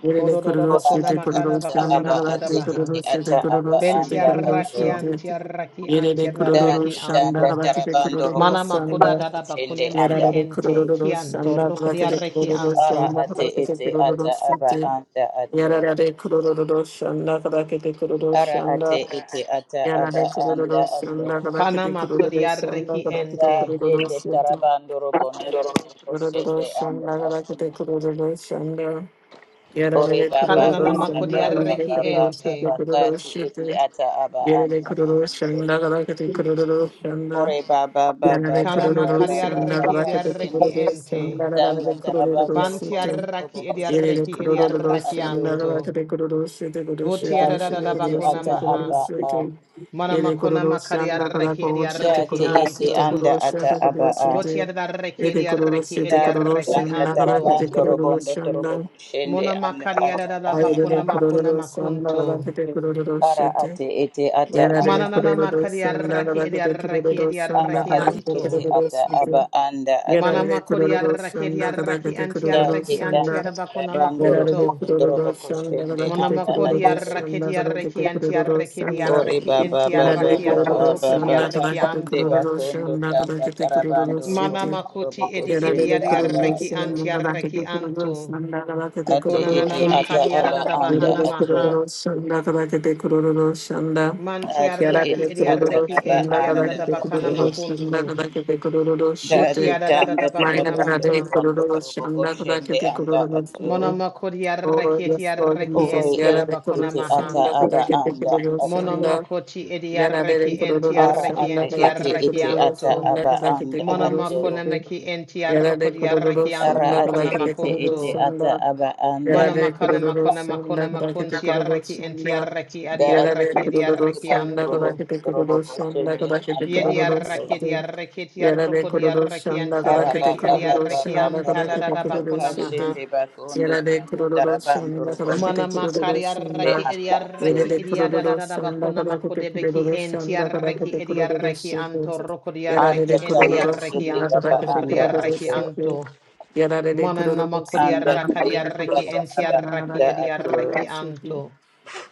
B: Yere de
C: Kododo
B: kururu
E: ora
C: bokona
B: şete
E: ata
C: makada
B: kururu
E: ata
C: bakona
E: aba
B: şandara
C: makoda
E: ate
B: de
C: baha.
E: ete
B: kururu
E: ata
B: şete
E: aba
B: kururu şete
E: anda
B: kururu
C: Bentiaraki
E: ato
B: şete.
C: antiaraki
B: Yere de kururu
C: antiaraki
E: Dati tanda
C: antu.
B: şandara de
E: tarabando
B: kururu
C: Mana
E: robondo
C: makoda
B: şandara.
E: robondo
C: dada
E: shende
C: bakunemeki
E: anda
B: Yere de
E: ato.
C: ente
B: kururu
C: kianto
B: şandara de
C: rokodiareki
B: kururu
E: Ara
C: antu.
E: ate
B: şandara de
E: ete ata
B: kururu
E: aba
B: şete.
E: anda ato.
B: Yere de kururu şandara de kururu
E: Ara ate
B: şandara.
E: ete ata
B: Yere
E: aba
B: de
E: anda
B: kururu
E: ato.
B: şandara
C: Kana
B: de kururu
C: makodiareki
B: şandara de
E: Dati
C: ente.
B: kururu
E: tende
B: şete.
E: tarabando robondo robondo shende
B: Kururu
E: anda
B: şandara
E: ato.
B: de kururu şandara.
E: Ore
B: Yarare
E: baba
C: Kana nana
B: kururu
E: baba baba
B: sandala de
C: makodiareki
E: baba
B: kururu
C: ente.
E: baba
B: sute kururu
E: kati ete
B: shite.
E: ata aba
B: Yarare
E: anda
B: kururu
E: ato.
B: sandala kete kururu sanda.
E: Ore baba baba
B: Yarare
C: Kana
E: baba
B: kururu
E: baba
C: makadiareki
B: sandala
E: baba
B: kete
E: shende
C: ediareki
B: kururu
E: bakondo
C: ente.
B: sandala
E: danda
B: de
E: tarabando
B: kururu
E: rokondo
B: sute.
E: robo
C: Bantiaraki
B: Yarare
E: koshende
C: ediaraki
E: anda
B: kururu
E: atu
B: sandala
C: ediarakianto.
B: kete kururu sute kururu shite kururu
E: yati
C: Votiarada
E: ete
C: bakuna
E: ata
B: shite kururu sute kururu
C: maha.
E: aba a
B: sute. Yarare
C: Manamakuna
B: kururu sandala
C: makariaraki
B: kururu shite
C: ediaraki
E: yati
B: kururu
E: ete
B: sute
C: anto.
E: anda
B: kururu shite
E: ata aba
B: kururu
E: a
B: shite.
C: Votiaraki
B: Yarare kururu
C: ediaraki
B: sute
E: dati
B: kururu
C: ediaraki
E: danda
B: sandala kete
C: anto.
E: tarabando
B: kururu
E: robondo torobo
B: sanda.
E: koshende
C: Mona
E: anda ata
C: makariarada
E: aba a
C: bakuna
B: Ayurveda
C: makuna
B: kururu sandala
C: makunto.
B: rakete kururu
E: ara
B: shete.
E: ate ete ata aba
B: Yarare
C: Mananana
E: ato
B: kururu sandala
C: makariaraki
B: rakete
C: ediaraki
B: kururu
E: ara
C: ediaraki
B: sandala
E: ate
B: rakete
E: ete
C: anto.
B: kururu
E: ata aba
B: shete.
E: anda ato
C: Mana
B: Yarare kururu
C: makuriaraki
B: sandala
C: ediaraki
B: rakete kururu
E: Dati
C: antiaraki
B: sandala.
E: kanda
C: antiarabakuna
E: karabando
B: Yarare
E: rokondo
C: makunto.
E: torobo
B: kururu sandala rakete
E: anda
C: Monamakodi
B: kururu
E: atoro.
C: arraketi
B: sandala rakete
C: arreki anti
B: kururu
C: arrekedi
B: sandala.
E: Ore
C: arreki
E: baba
C: enti
E: baba
B: Yarare
C: arraki
E: baba
B: kururu
C: atorukodi
E: baba
B: sandala
C: arreki
B: rakete
E: kashende
C: anto.
B: kururu
E: bakondo
B: sandala
E: tanda
B: rakete kururu
E: karabando robondo
B: shete.
E: torobo
C: Manamakoti edi edi
B: Yarare
C: adi
E: anda
B: kururu
C: arreki
E: atoro.
C: anti
B: sandala
C: arreki
B: rakete kururu
C: anto.
B: sandala rakete
E: Ati
B: kururu
C: Konanana
E: iti
B: shete.
E: ata
C: makadi
E: aba
C: adadada
E: anda
C: bahana
E: atoro.
C: maha.
B: Shanda Kadakate Kururu Shanda.
C: Manti
E: Ati
B: Kiara
C: arreki
E: iti
C: edi
E: ata
B: Kururu
C: arreki
E: aba
B: Shanda
C: enti
E: anda
C: adadada
B: Kadakate
C: bakana
E: atoro.
B: Kururu Shanda
C: makunto.
B: Kadakate Kururu
C: Boti
E: Dati
B: Shite.
E: kanda
C: adadada
B: Maria
C: bakuna
E: karabando
B: Kadate
C: maha.
E: robondo
B: Kururu
E: torobo
B: Shanda Kadakate
E: anda
B: Kururu
E: atoro.
B: Shite.
C: Monamakodi
B: Oh,
C: arreki eti
B: yes, Lord
C: arreki
E: Ore
B: Jesus.
C: enti
B: Yara
E: iti
C: adabakuna
E: iti
B: Kururu
C: maha.
E: ata
B: Shanda
E: aba
B: Kadakate
E: anda
B: Kururu
E: atoro.
B: Shanda.
C: Monamakoti edi
B: Yada Yarare
C: arreki enti
B: kururu
E: Ara
C: arreki
E: ate
B: sonda
C: enti
E: ete
B: kadakete
C: arreki
E: ete
B: kururu
E: ata
C: anto.
B: sonda
E: aba
B: kadakete
E: anda
B: kururu
C: Manamakona
E: ato.
B: shite.
C: meki enti
B: Yarare
C: arrokodi
B: kururu
E: Ara
C: arrekianto
B: sonda
E: ate
B: kadakete
E: ete
B: kururu
E: ete
C: konamakunto.
E: ata
B: sonda.
E: aba anda
B: Yarare
C: Manamakana
E: ato.
B: kururu
C: makona makona
B: sonda kadakete
C: makunti
B: kururu
C: arreki enti
B: Sanda.
C: arreki adi
E: Da
B: Yada
E: ate
B: de
C: arreki adi
E: ndete
B: kururu
E: ibando
B: sonda
E: robo
C: arrekianto.
B: kadakete
E: robo
B: kururu sonda
E: koshende
B: kadakete
E: anda
C: Yedi
B: kururu
C: arreki
E: ato.
C: di
B: shite.
C: arreki ti
B: Yarare
C: arrokodi
B: kururu
C: arreki
B: sonda
C: anti
E: Ara
B: kadakete
E: ba
C: arreki
E: ba
C: adi
E: ba
B: kururu
E: ba ba
B: sonda
E: ba
C: arrekianta da
E: ba
C: da
E: ba
B: kadakete
C: da
E: ba
B: kururu
C: bakona
B: shite.
E: kashende
C: maha.
E: bakondo
B: Yarare
E: tanda
B: kururu
E: tarabando
B: sonda
E: robo
B: kadakete
E: robo
B: kururu
C: Manamakari
E: koshende
C: arreki
B: sonda.
C: adi
E: anda ato.
B: Yere
C: arreki
B: de
C: adi da da
B: kururu
C: da da
B: sonda
C: bakona
B: kadar
C: makode
B: kete
C: beki
B: kururu
C: enti
B: sonda kadar
C: arreki
B: kete
C: adi
B: kururu
C: arreki
B: sütü.
C: anto rokodi
B: Yarare
E: Anda
C: arreki
B: de
C: enti
E: tayete
B: kururu
C: arreki
E: ete
B: sonda
E: ete
B: kadar
C: anto
E: aba
B: kete
C: rokodi
E: anda
B: kururu
C: arreki
E: ato.
B: sütü.
C: anto.
B: Yarare de
C: Mananama
B: kururu
E: Anda
B: sonda kadar
C: enti
B: kete
E: tayete
C: diarraki
E: ata
B: kururu
E: aba
B: sonda kadar
C: edi
E: anda
B: kete
E: ato.
C: adiarraki
B: kururu sütü.
C: anto.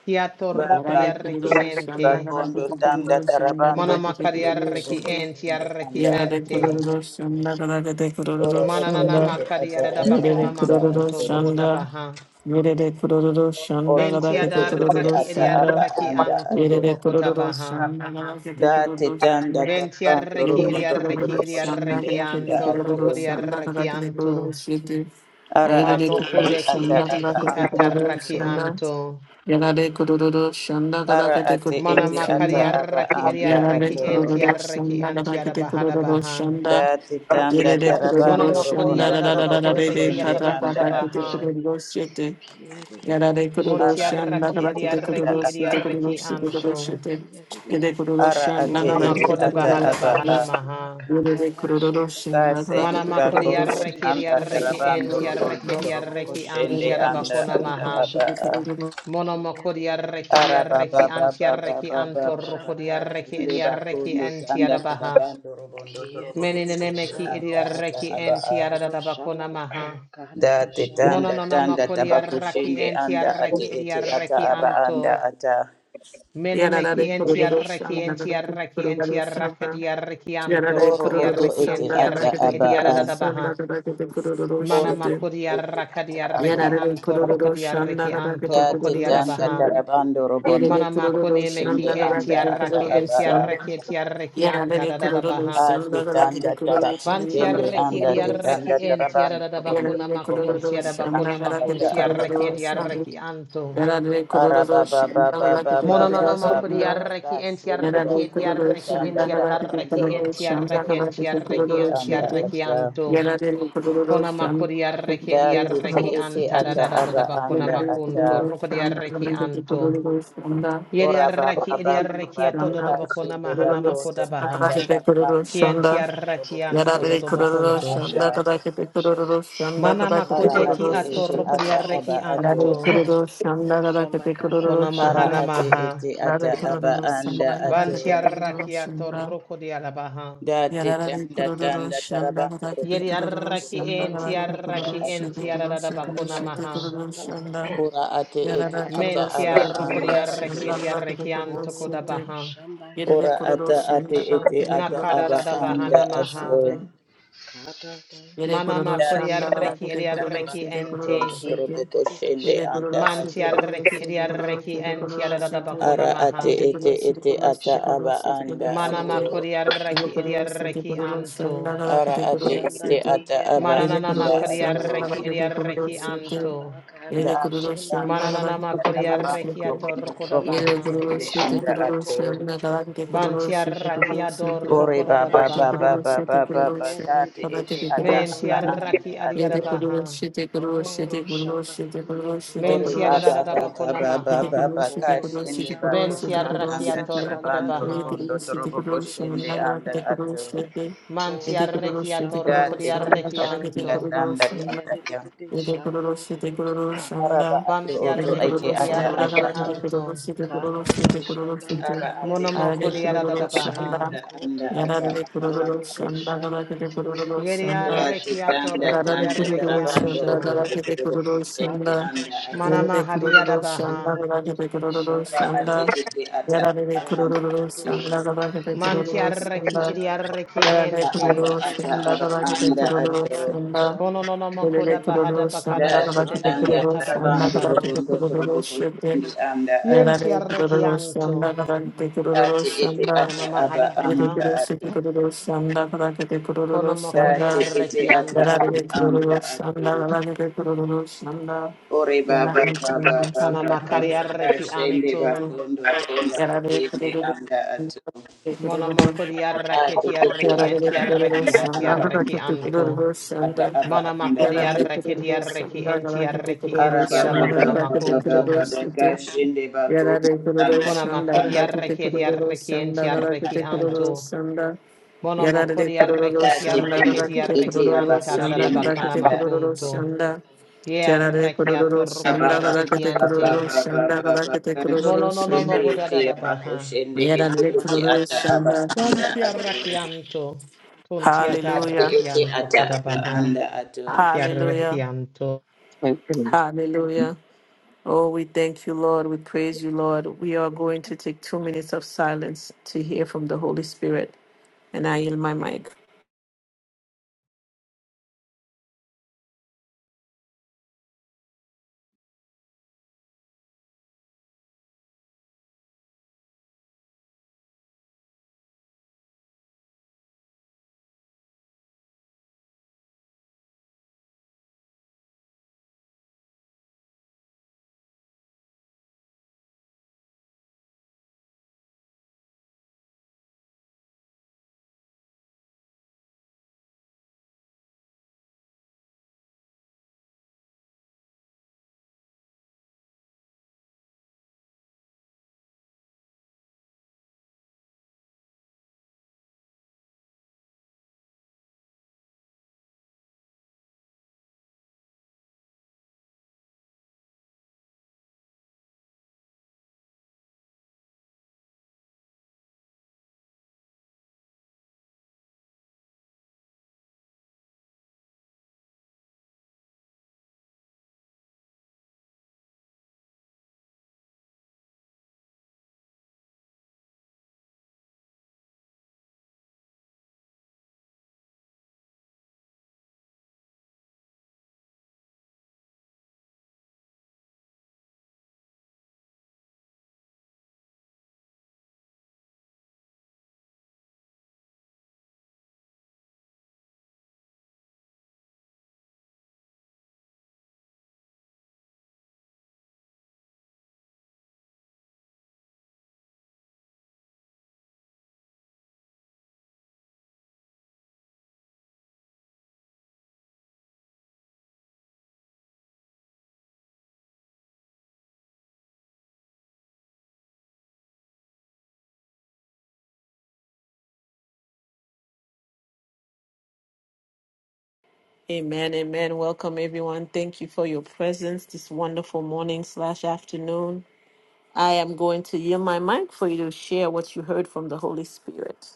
C: Kiatorro
E: Baba
B: Yarare
C: kodiarraki
B: kururu
E: kusende
B: sonda
C: ente.
B: kadar
E: bakondo
B: kete
E: tanda
B: kururu sonda
E: tarabando
B: kadar
C: Manama
B: kete
E: robondo
B: kururu
E: robo
C: enti
B: sütü.
E: kushende
C: entiarraki
E: anda
B: Yarare
E: ato
C: ente.
B: kururu sonda kadar kete
E: oro
B: kururu
E: oto
B: sonda.
C: Mananama
E: ete ata aba
B: Yere
C: kodiarabakona
B: de
E: anda
B: kururu
C: makunto
E: ato
B: sonda.
C: bohodabaha.
B: Yere de kururu
E: oro
B: sonda
E: oto
C: Benti
B: kadar
E: ete
B: kete
E: ete
B: kururu
C: adarraki
E: ata
C: edi
B: sonda.
E: aba
C: adiarraki
E: anda
C: anto
E: ato
C: do
B: Yerere kururu
C: bokotabaha.
B: şandala kete
E: date
B: kururu
E: tanda
B: şandala.
C: benti
E: tarabando
C: arreki edi
B: Yerere
E: robondo
C: Bentiarraki
E: robo
B: kururu
C: edi
E: kushende
C: adiarraki
B: şandala
E: anda
B: kete
C: anto
E: ato
B: kururu şandala
C: rokodiarraki
B: kete kururu
C: anto.
B: şete.
E: ara
B: Ayrere
E: ate
C: Manoko
E: ete
B: kururu
C: deki
E: ata
B: şandala
E: aba
C: ediki
B: kete
E: anda
B: kururu
E: ato
C: atarraki
B: şandala.
C: anto.
B: Yerere kururu şandala
E: ara
B: kete
E: ate
C: Mana
B: kururu
E: ete
C: makari
E: ata
B: şandala.
E: aba
C: arraki eri
E: anda
B: Yerere
C: arraki
E: ato
C: enti
B: kururu
C: anti
B: şandala
C: ara
B: kete
C: bahara
B: kururu
C: baha.
B: şandala.
E: Dati tanda
B: Yerere
C: Mono
B: kururu
E: tarabando
C: makori
E: robondo
C: ara da da
E: torobo
B: şandala
C: bakoda
A: kotoro
C: behi ata
E: koshende
A: shama
E: anda
A: karara
B: kete
C: baha.
E: ato.
A: shanda.
B: kururu şete.
A: Kia de de
B: Yada
A: de
B: de
A: de
C: Monti
A: shando
E: Ara
B: Kuroshan,
E: ate
A: koto
C: arraki eri
B: Nagaraki
E: ete
B: de
E: ata
C: arraki
B: Kuros,
E: aba.
B: the Kuros, the
A: ro shama
C: anto.
B: Kuroshite,
A: kia de de de
B: the
A: de
E: Ara
A: shando
B: Kuroshan,
C: Mona
E: ate
B: Nagaraki
E: ete
B: de
C: makoda
E: ata
A: koto
C: bahada
A: to
E: aba.
C: bahana
E: a
B: Kuros,
A: shama
C: maha.
B: Yada de
A: karara shanda.
B: Kuroshan, Nagaraki
C: Mana
E: Kasende
B: de
A: Kia de
C: makori
A: de de
E: bakondo
B: Kuros,
A: de
C: arraki eri
E: tanda
B: Yada
A: shando
B: de
C: arraki
A: koto
E: tarabando
C: enti
B: Kuroshan,
E: robondo torobo
A: ro
C: anti
E: koshende
B: Nagaraki
C: ara
A: shama
E: anda
C: bakona
E: ata
A: karara
C: maha.
E: aba.
A: shanda.
B: de
E: a
B: Kuros,
C: Mono
A: Kia
C: makori
A: de de de de
C: arraki eri
E: Ara
A: shando
E: baba
C: anti
A: koto
E: baba baba
C: arraki
E: baba
A: ro
C: anto
E: baba
C: rokori
A: shama
C: arraki
A: karara
E: kashende
C: eri
A: shanda.
E: bakondo
C: anti
E: tanda
C: ara baha.
E: tarabando robondo
A: Kia
E: torobo
A: de de de de
E: koshende
C: Menenemeki
A: shando
E: anda ata
A: koto
C: idiarreki
E: aba. a.
A: ro
C: entiaradabakona
A: shama
C: maha.
E: da
A: karara
E: te
A: shanda.
E: tanda tanda
C: Monononamokori arraki
E: tabakushinde anda ate
C: entiarreki
E: ete ata
C: idiarreki
E: aba anda
C: anto.
E: ata
B: Yada de
C: Menemeki entiarreki
B: Kuroshan,
C: entiarreki entiarraki diarreki anto
E: oro oto
C: rukodiarreki
E: ete ata
B: Nagaraki de
C: entiarreki
E: aba a
B: Kuros,
C: idiaradabaha.
B: Nagaraki de
C: Mana
E: oro
B: Kuroshite.
C: makodi
E: oto ete
C: arraka
E: ata aba
C: diarreki
B: Yarare
E: a
C: anto
B: kororo shanda
C: rukodiarreki anto
E: da
B: garakete
E: te
B: kororo
E: tanda
B: shanda.
C: rukodiarabaha.
E: tarabando robondo
C: Mana
B: Yerere kororo
C: makone
E: tabakushinde
B: shanda
C: meki
E: anda
B: garakete
E: ata
C: entiarraki
B: kororo
E: aba a
C: entiarreki
B: shanda.
C: entiarreki anta
B: Yarare kororo
C: dadadabaha.
E: ate
B: shanda
E: tanda
B: garakete kororo shanda
E: tabakushinde
B: garakete
C: Bantiarreki
E: anda te
B: kororo
C: ediarreki
E: tanda
B: shanda.
C: enti
E: tarabando
C: adada
E: robondo
C: bakuna
B: Yarare
C: makun
B: kororo
C: tiada
E: tabakushinde
B: shanda
C: bakuna
E: anda
C: makun
E: ata
B: garakete
E: aba
C: tiarreki
E: a
B: kororo shanda.
C: ediarreki anto.
B: Yarare kororo shanda garakete
C: Mononona
B: kororo shanda.
E: Arabababababababababababaka
C: makuriarreki
E: sende
C: entiarreki
B: Yarare
E: bakondo
B: kororo
C: ediarreki
E: tanda
B: shanda garakete
E: tarabando
C: entiarreki
B: kororo
E: robondo
B: shanda
C: entiarreki
E: torobo
B: garakete
C: entiarreki
E: sende
B: kororo
E: anda
C: antiarreki
B: shanda.
E: ata
C: anto.
B: Yarare kororo
C: Kona
B: shanda garakete
C: makuriarreki
E: da tete
B: kororo
C: ediarreki
E: ete
C: anta
B: shanda.
E: ata
C: adada
E: aba
C: bakuna
E: anda
B: Shanda
E: ata
C: makunto rukodiarreki anto.
E: ora
C: Yediarreki ediarreki atodo
E: babababababaka
C: bakuna
E: sende
C: mahana
E: bakondo
C: makoda baha.
E: tanda tarabando robondo
C: Kiantiarreki
E: torobo
C: anto
E: sende
C: dodo
E: anda
C: bakunto.
E: ata
A: Roshamhagararashanda
C: Mana
E: ara
C: makudeki
E: ate ete
A: kiyariribishanda
E: ata aba
C: atorokodiareki
A: koto
E: ato
C: anto. Kona
E: ara
A: roshamhagararashanda
C: mahana
E: ate
C: maha.
E: ete ata aba anda
A: kiyariribishanda
E: ato
A: koto
C: Bantiaraki atorokodiarabaha.
E: Dati tanda tanda tarabando robondo
C: Yeri
E: torobo
C: araki enti
E: koshende anda
C: araki enti
E: ato
C: aradabakona maha.
A: roroshamhagararashanda
E: Ora ate ete
B: Yarara
E: ata
B: kururu
C: Menti
E: aba
B: sebe
A: kiyariribishanda
E: anda
B: kururu
E: ato
C: arrokodiareki
B: shanda
A: koto
B: bara kide
C: ediareki
B: kururu
C: anto
B: sete.
C: kodabaha.
A: roroshamba
E: Ora
B: Yerere kururu
E: ata ate
B: shanda bara
E: ete
A: kiyariribishanda
B: kide
E: ata
B: kururu
E: aba
B: sete
A: koto
C: Nakadadabaha
E: anda
B: kururu
C: namaha.
E: ato
A: doshamba
B: sete. Yere
C: Mana
B: kururu
A: gararashanda
E: Dati
B: şanda bala
C: makodiareki
E: tanda
B: kete kururu
C: ediareki
E: tarabando
B: şete
C: ente.
B: kururu
E: robondo
B: şete.
E: torobo koshende
B: Yere
A: kiyariribishanda
E: anda
B: kururu şete
E: ato
A: koto
B: kururu
C: Mantiareki
B: şete kururu
C: ediareki
B: şete
C: enti
B: kururu
A: roroshamba
B: şete.
C: aradabakona
E: Ara
C: maha.
E: ate
B: Yere
A: Kia
E: ete
B: kururu
A: de
B: şete
A: de
E: ete
A: de
B: kururu
A: de
E: ata
B: şete kururu
A: shando,
E: aba
B: şete
E: anda
B: kururu
C: Mana
B: şete.
E: ato
A: koto to
B: Yere
C: makodiareki
A: shamba,
B: kururu şete
C: ediareki
B: kururu
A: kata
C: anto.
A: ta
B: şanda bala
E: Ara
B: kete
E: ate
B: kururu
A: shanda
E: ete
B: şete.
E: ata
A: kia de de
E: aba
A: de
B: Yere
A: de
C: Mananana
E: anda
B: kururu
C: makaria
A: shando
B: şanda
E: ato.
B: bala
C: reki
A: koto,
C: eria
B: kete kururu
C: reki
A: ro
B: şete.
A: shamba
C: anto.
A: kata
B: Yere
E: Da
A: ta
E: ati
B: kururu
A: shanda
E: anda
B: şanda bala
C: Mananana
B: kete
E: anda
C: makaria
B: kururu
E: tarabando
C: reki
B: şete.
C: ato
E: robondo
C: rokoda
A: kia
E: robo
A: de
B: Yere
C: baha.
A: de de
B: kururu
A: de
E: kusende
B: şete
E: anda
A: shando
B: kururu
E: ato.
A: koto,
B: şanda bala kete kururu
C: Bantia
A: ro
B: şete
C: raki
A: shamba
B: kururu
C: ador
B: şete.
E: Ore
A: kata
C: rokoda da
A: ta
E: baba
B: Te
A: shanda
C: baha.
E: baba
B: conosce, te
E: baba
A: kia
E: baba
B: conosce,
A: de de
E: kati
A: de de
B: guardate
E: ete
B: che
E: ata
A: shando
B: conosce
C: Mentia
E: aba
B: te.
A: koto,
E: anda
C: raki
B: E
C: adiada
B: te
E: ato.
C: baha.
B: conosce, te conosce,
A: ro
B: te
A: shamba
B: conosce, te
A: kia de
B: conosce,
A: de
B: te
A: de
E: Ore
A: de
C: Mentia da da
B: conosce.
C: da
E: baba
C: da
A: shando.
E: baba
C: bakona
E: baba
B: Yedi
C: maha.
E: baba
B: kuruş, yedi
A: Kodo do
B: kuruş, yedi
E: kashende
A: shamba
B: kuruş,
C: Bentia
B: yedi
E: bakondo
A: kata
C: raki
B: kuruş,
A: da
E: tanda
C: ato
B: yedi.
C: rokoda
A: shanda
E: tarabando
B: Yedi
C: baha.
E: robondo
B: kuruş,
A: kia
B: yedi
A: de
E: robo
A: de de
B: kuruş,
A: de
E: kusende
B: yanına kadar
E: anda
A: shando
B: yedi
A: koto
B: kuruş,
E: ato.
B: yedi.
C: Mantia
B: Yedi
A: oru
B: kuruş,
C: reki ato
B: yedi
A: shamba
E: Da
B: kuruş,
E: ati
C: rokodia
A: kata
B: yanına
A: da
C: reki
E: tanda
B: kadar
A: shanda
B: yedi
E: tanda
C: anto.
E: tanda
B: kuruş, yanına.
A: kia
E: tanda
A: de de
E: ya.
A: de de
B: Yedi
A: shando
B: kuruş, yedi
A: koto
B: kuruş,
E: Araba
B: yanına.
E: ato
C: Bantia
E: oto
B: Yedi
E: ete
C: reki
B: kuruş,
C: eria
E: ata
A: oru
B: yanına
E: aba
C: reki
B: kadar
E: a.
A: shamba
B: yedi
C: anto.
B: kuruş, yedi
A: kata
B: kuruş,
A: da
B: yedi kuruş,
A: shanda
B: yedi.
E: Ara
A: kia
E: ate
A: de de de
B: Arada
E: ete
B: yedi
A: de
E: ata
C: Monomokodia da da da
B: kuruş,
E: aba
A: shando
C: baha.
B: yanına.
E: anda
A: koto
E: anda ata
B: Yararlı
E: aba a.
B: kuruş,
A: oru
B: yanına
A: shamba
B: kadar yedi
A: kia de de
B: kuruş,
A: de de
C: Yeria
B: yanına.
A: de
E: Dati
C: reki
A: shando
C: ato
E: tanda
B: Yarara de
C: rokodia
E: tanda
A: koto
C: reki
B: kururu
A: do
E: tarabando
B: shanda
A: shamba
C: anto.
B: gara
E: robondo
B: ke de
E: korobo
B: kururu
E: kushende
A: kata
B: shanda.
A: da
E: anda ata
A: shanda
B: Yere
C: Manama
B: de
C: hadiada
B: kururu shanda
C: baha.
A: kia de
B: gara
A: de
B: ke
A: de
B: de
A: de
B: kururu
E: aba
A: shando
E: ati
B: shanda.
A: koto
E: iti ata
B: Yarara
E: aba
B: de
E: anda
B: kururu
A: Odo
E: ato
B: shanda
A: shamba
B: gara ke de kururu
A: kiyadididi
C: Mantiarreki
B: shanda.
A: shando.
C: idiarreki
B: Yarara de
E: a ata
C: ente.
B: kururu
A: Kodo
E: ata
A: do
B: shanda
E: aba
B: gara
A: shamba
B: ke de
E: anda ato
B: kururu
A: kada da
B: shanda.
A: shanda
C: Konononomo
B: Yere de
C: koda bahada
B: kururu
C: bakada
A: kiyadididi
B: shanda
E: dati
B: gara
C: bakode
B: ke de
A: shando
E: tanda
B: kururu
C: behiata
A: kodo.
B: shanda
C: bakoda
E: tarabando
B: gara
C: baha.
B: de
E: robondo
B: kururu
E: korobo
B: shanda.
E: kushende anda
B: Yarara
E: ato
B: de
C: Yentiarreki
B: kururu
C: anto.
B: shanda gara ke de kururu
E: ati iti
B: shanda.
E: ata
C: Kono
E: aba
C: hada
B: Yere de
E: anda
C: baha.
E: ato
B: kururu shanda gara de kururu
C: Konomo
E: dati
B: shanda.
C: kodiarreki
E: iti ata
B: Yarare
E: aba
C: anto.
E: anda
B: kururu sanda,
E: ato
B: yarare kururu sanda,
E: ore baba
B: yarare
E: baba
B: kururu sanda,
E: baba
C: Kanama
B: yarare
E: baba
C: kariarreki
E: kashende
C: anto.
E: bakondo
B: kururu
E: tanda
B: yarare
E: tayende
B: kururu
E: anda
B: sanda,
E: ato
C: Monomo
E: ate
C: kodiarreki
E: ete
C: tiarreki
B: yarare kururu
C: entiarreki
E: ata aba anda
B: sanda,
E: araba
B: yarare kururu sanda, yarare
C: antiarreki
E: ete
C: anto.
B: kururu
E: ata
B: sanda,
E: aba
C: Manama
E: anda ata
B: yarare
C: kodiarreki
B: kururu
C: diarreki
B: sanda,
C: entiarreki
E: araba
C: entiarabakona
E: baba
B: yarare
E: baba baba
B: kururu
C: makunto.
E: daga
B: sanda
E: shinde bako
B: Yada de kururu
E: anda
C: Kona
B: shanda da
C: makodi
E: anda
B: kete
C: arreketi
B: kururu
C: arrekienti arreki enti
B: shanda da kururu
C: anto.
B: shanda.
C: Mono
B: Yada de
C: makodi
B: kururu
C: arreketi
E: ate
B: shanda da
E: kende
C: arreketi
B: kete kururu
C: arreki
E: ete
C: di arreki
E: aba
C: anta da da da
B: shanda da
E: kushinde
C: bakana
B: kete
E: anda
B: kururu
C: makunto.
B: shanda.
C: Ye
B: Tiara de
C: arreki
B: kururu
C: atorruko
E: aba
C: di
B: shanda
E: baba
B: da kete
C: arrekiente.
E: baba
B: kururu
E: baba
B: shanda da
E: baba
B: kete
E: daga
B: kururu
C: Mono
E: shinde
C: no no
E: ete
B: shanda.
C: mohoda
E: ete
C: da da
E: aba
C: baha.
E: kushinde
B: Yada
E: ete
B: de
E: ete
B: kururu
E: ata aba
B: shanda.
E: anda
C: Banti
E: ato
C: arreki Kunti
E: ate
B: Hallelujah.
C: atarreki
E: ete
C: anto
E: ata aba
C: baha.
E: anda ato
C: Ki arreki
B: Hallelujah.
D: you.
B: Hallelujah. Oh, we thank you, Lord. We praise you, Lord. We are going to take two minutes of silence to hear from the Holy Spirit. And I yield my mic. Amen. Amen. Welcome, everyone. Thank you for your presence this wonderful morning slash afternoon. I am going to yield my mic for you to share what you heard from the Holy Spirit.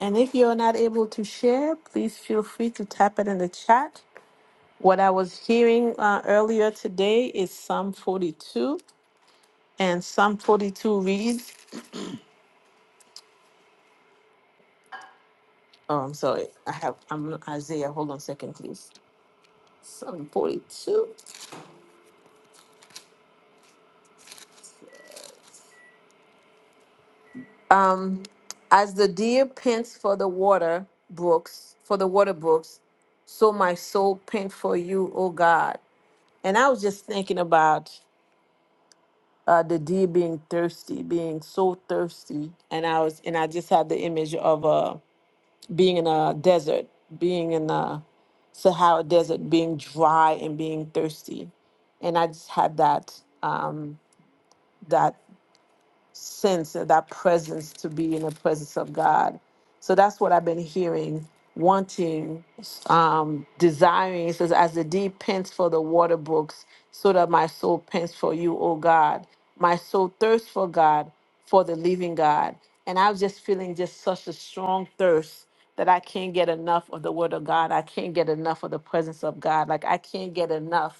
B: And if you're not able to share, please feel free to tap it in the chat. What I was hearing uh, earlier today is Psalm 42. And Psalm 42 reads, Oh, I'm sorry, I have I'm on Isaiah. Hold on a second, please. Psalm 42. Um, as the deer pants for the water brooks, for the water brooks, so my soul pants for you, O God. And I was just thinking about uh, the deer being thirsty, being so thirsty, and I was and I just had the image of uh, being in a desert, being in a Sahara desert, being dry and being thirsty and I just had that um, that sense of that presence to be in the presence of God. So that's what I've been hearing, wanting, um, desiring. It says, as the deep pants for the water brooks, so that my soul pants for you, O God. My soul thirsts for God, for the living God. And I was just feeling just such a strong thirst that I can't get enough of the word of God. I can't get enough of the presence of God. Like I can't get enough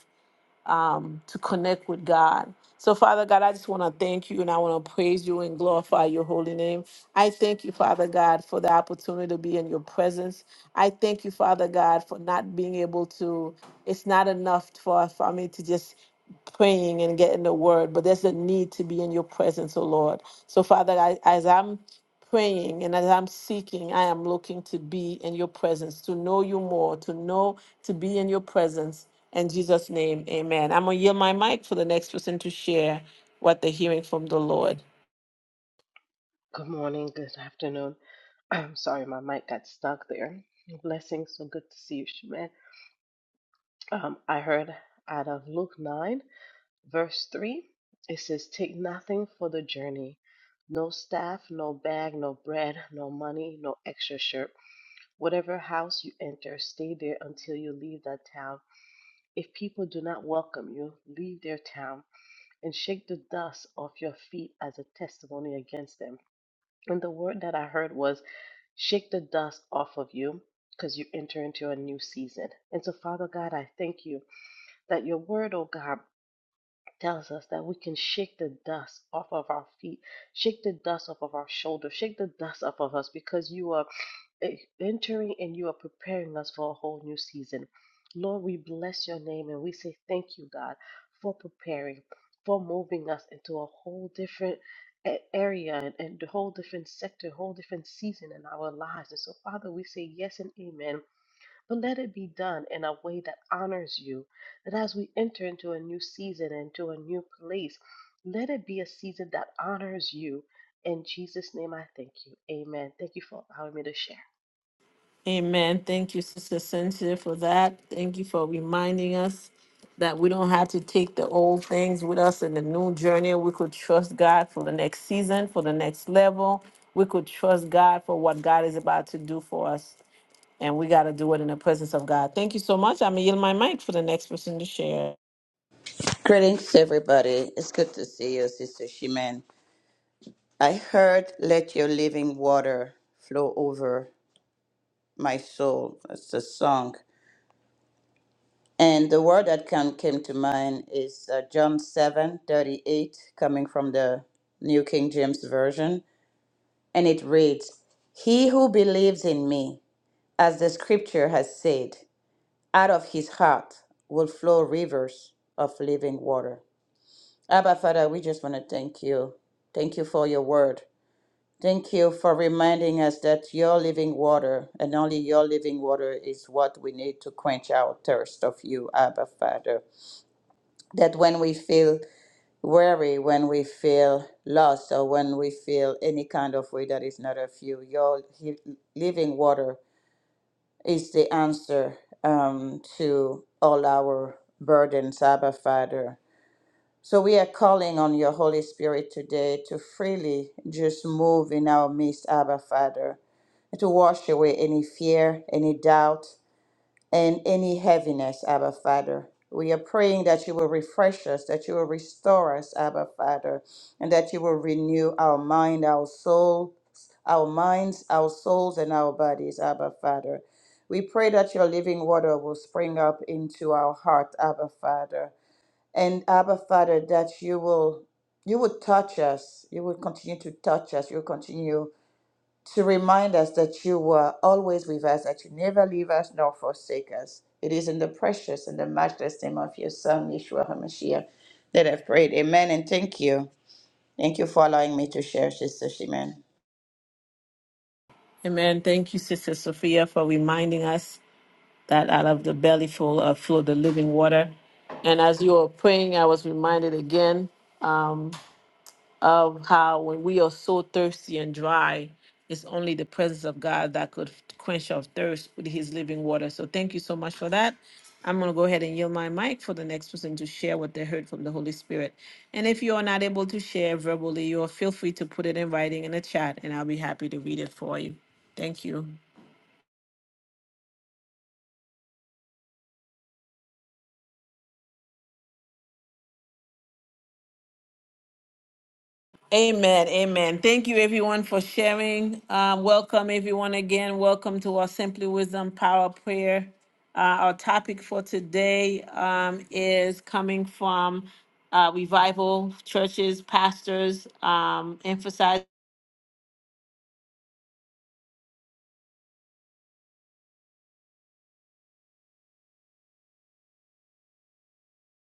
B: um, to connect with God. So, Father God, I just want to thank you and I want to praise you and glorify your holy name. I thank you, Father God, for the opportunity to be in your presence. I thank you, Father God, for not being able to, it's not enough for, for me to just praying and getting the word, but there's a need to be in your presence, oh Lord. So, Father, I, as I'm praying and as I'm seeking, I am looking to be in your presence, to know you more, to know, to be in your presence. In Jesus' name, amen. I'm going to yield my mic for the next person to share what they're hearing from the Lord.
A: Good morning, good afternoon. I'm sorry, my mic got stuck there. Blessings, so good to see you, Shemin. Um, I heard out of Luke 9, verse 3, it says, Take nothing for the journey, no staff, no bag, no bread, no money, no extra shirt. Whatever house you enter, stay there until you leave that town. If people do not welcome you, leave their town and shake the dust off your feet as a testimony against them. And the word that I heard was shake the dust off of you because you enter into a new season. And so, Father God, I thank you that your word, oh God, tells us that we can shake the dust off of our feet, shake the dust off of our shoulders, shake the dust off of us because you are eh, entering and you are preparing us for a whole new season. Lord, we bless your name and we say thank you, God, for preparing, for moving us into a whole different a- area and, and a whole different sector, whole different season in our lives. And so, Father, we say yes and amen but let it be done in a way that honors you. That as we enter into a new season, into a new place, let it be a season that honors you. In Jesus' name, I thank you. Amen. Thank you for allowing me to share.
B: Amen. Thank you, Sister Cynthia, for that. Thank you for reminding us that we don't have to take the old things with us in the new journey. We could trust God for the next season, for the next level. We could trust God for what God is about to do for us. And we got to do it in the presence of God. Thank you so much. I'm going to yield my mic for the next person to share.
E: Greetings, everybody. It's good to see you, Sister Shimen. I heard Let Your Living Water Flow Over My Soul. That's the song. And the word that come, came to mind is uh, John seven thirty eight, coming from the New King James Version. And it reads He who believes in me, as the scripture has said, out of his heart will flow rivers of living water. Abba, Father, we just want to thank you. Thank you for your word. Thank you for reminding us that your living water and only your living water is what we need to quench our thirst of you, Abba Father. That when we feel weary, when we feel lost, or when we feel any kind of way that is not of you, your he- living water is the answer um, to all our burdens, Abba Father. So we are calling on your Holy Spirit today to freely just move in our midst, Abba Father to wash away any fear, any doubt, and any heaviness, Abba Father. We are praying that you will refresh us, that you will restore us, Abba Father, and that you will renew our mind, our soul, our minds, our souls, and our bodies, Abba Father. We pray that your living water will spring up into our heart, Abba Father. And Abba Father, that you will you would touch us. You will continue to touch us. You will continue to remind us that you were always with us, that you never leave us nor forsake us. It is in the precious and the matchless name of your Son, Yeshua HaMashiach, that I've prayed. Amen and thank you. Thank you for allowing me to share, Sister Shimon.
B: Amen. Thank you, Sister Sophia, for reminding us that out of the belly full of flow the living water. And as you were praying, I was reminded again of how when we are so thirsty and dry, it's only the presence of God that could quench our thirst with his living water. So thank you so much for that. I'm going to go ahead and yield my mic for the next person to share what they heard from the Holy Spirit. And if you are not able to share verbally, you are feel free to put it in writing in the chat and I'll be happy to read it for you. Thank you. Amen. Amen. Thank you, everyone, for sharing. Uh, welcome, everyone, again. Welcome to our Simply Wisdom Power Prayer. Uh, our topic for today um, is coming from uh, revival churches, pastors, um, emphasizing.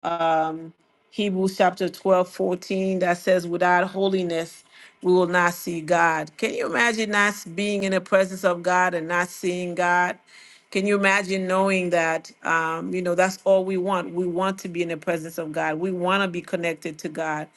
B: um, Hebrews chapter 12 14 that says, without holiness, we will not see God. Can you imagine not being in the presence of God and not seeing God? Can you imagine knowing that, um, you know, that's all we want? We want to be in the presence of God. We want to be connected to God.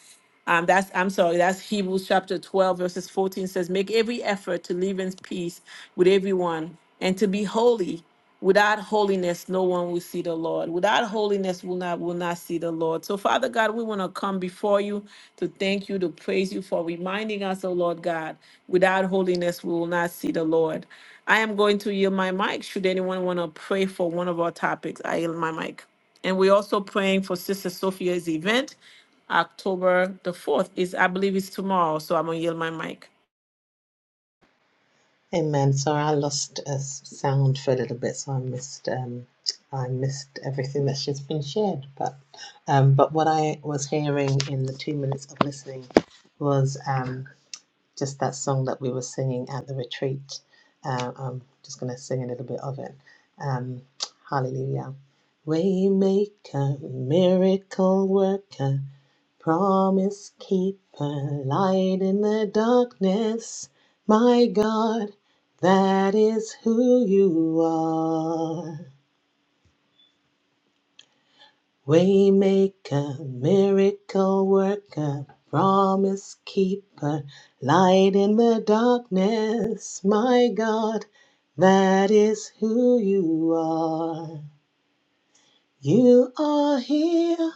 B: Um, that's I'm sorry, that's Hebrews chapter 12, verses 14 says, Make every effort to live in peace with everyone and to be holy. Without holiness, no one will see the Lord. Without holiness, will not will not see the Lord. So, Father God, we want to come before you to thank you, to praise you for reminding us, oh Lord God, without holiness, we will not see the Lord. I am going to yield my mic. Should anyone want to pray for one of our topics, I yield my mic. And we're also praying for Sister Sophia's event. October the 4th is, I believe it's tomorrow, so I'm gonna yield my mic.
C: Amen. Sorry, I lost uh, s- sound for a little bit, so I missed um, I missed everything that's just been shared. But um, but what I was hearing in the two minutes of listening was um, just that song that we were singing at the retreat. Uh, I'm just going to sing a little bit of it. Um, hallelujah. Waymaker, miracle worker, promise keeper, light in the darkness. My God, that is who you are. Waymaker, prosper, light in the darkness. My God, that is who you are. Yeah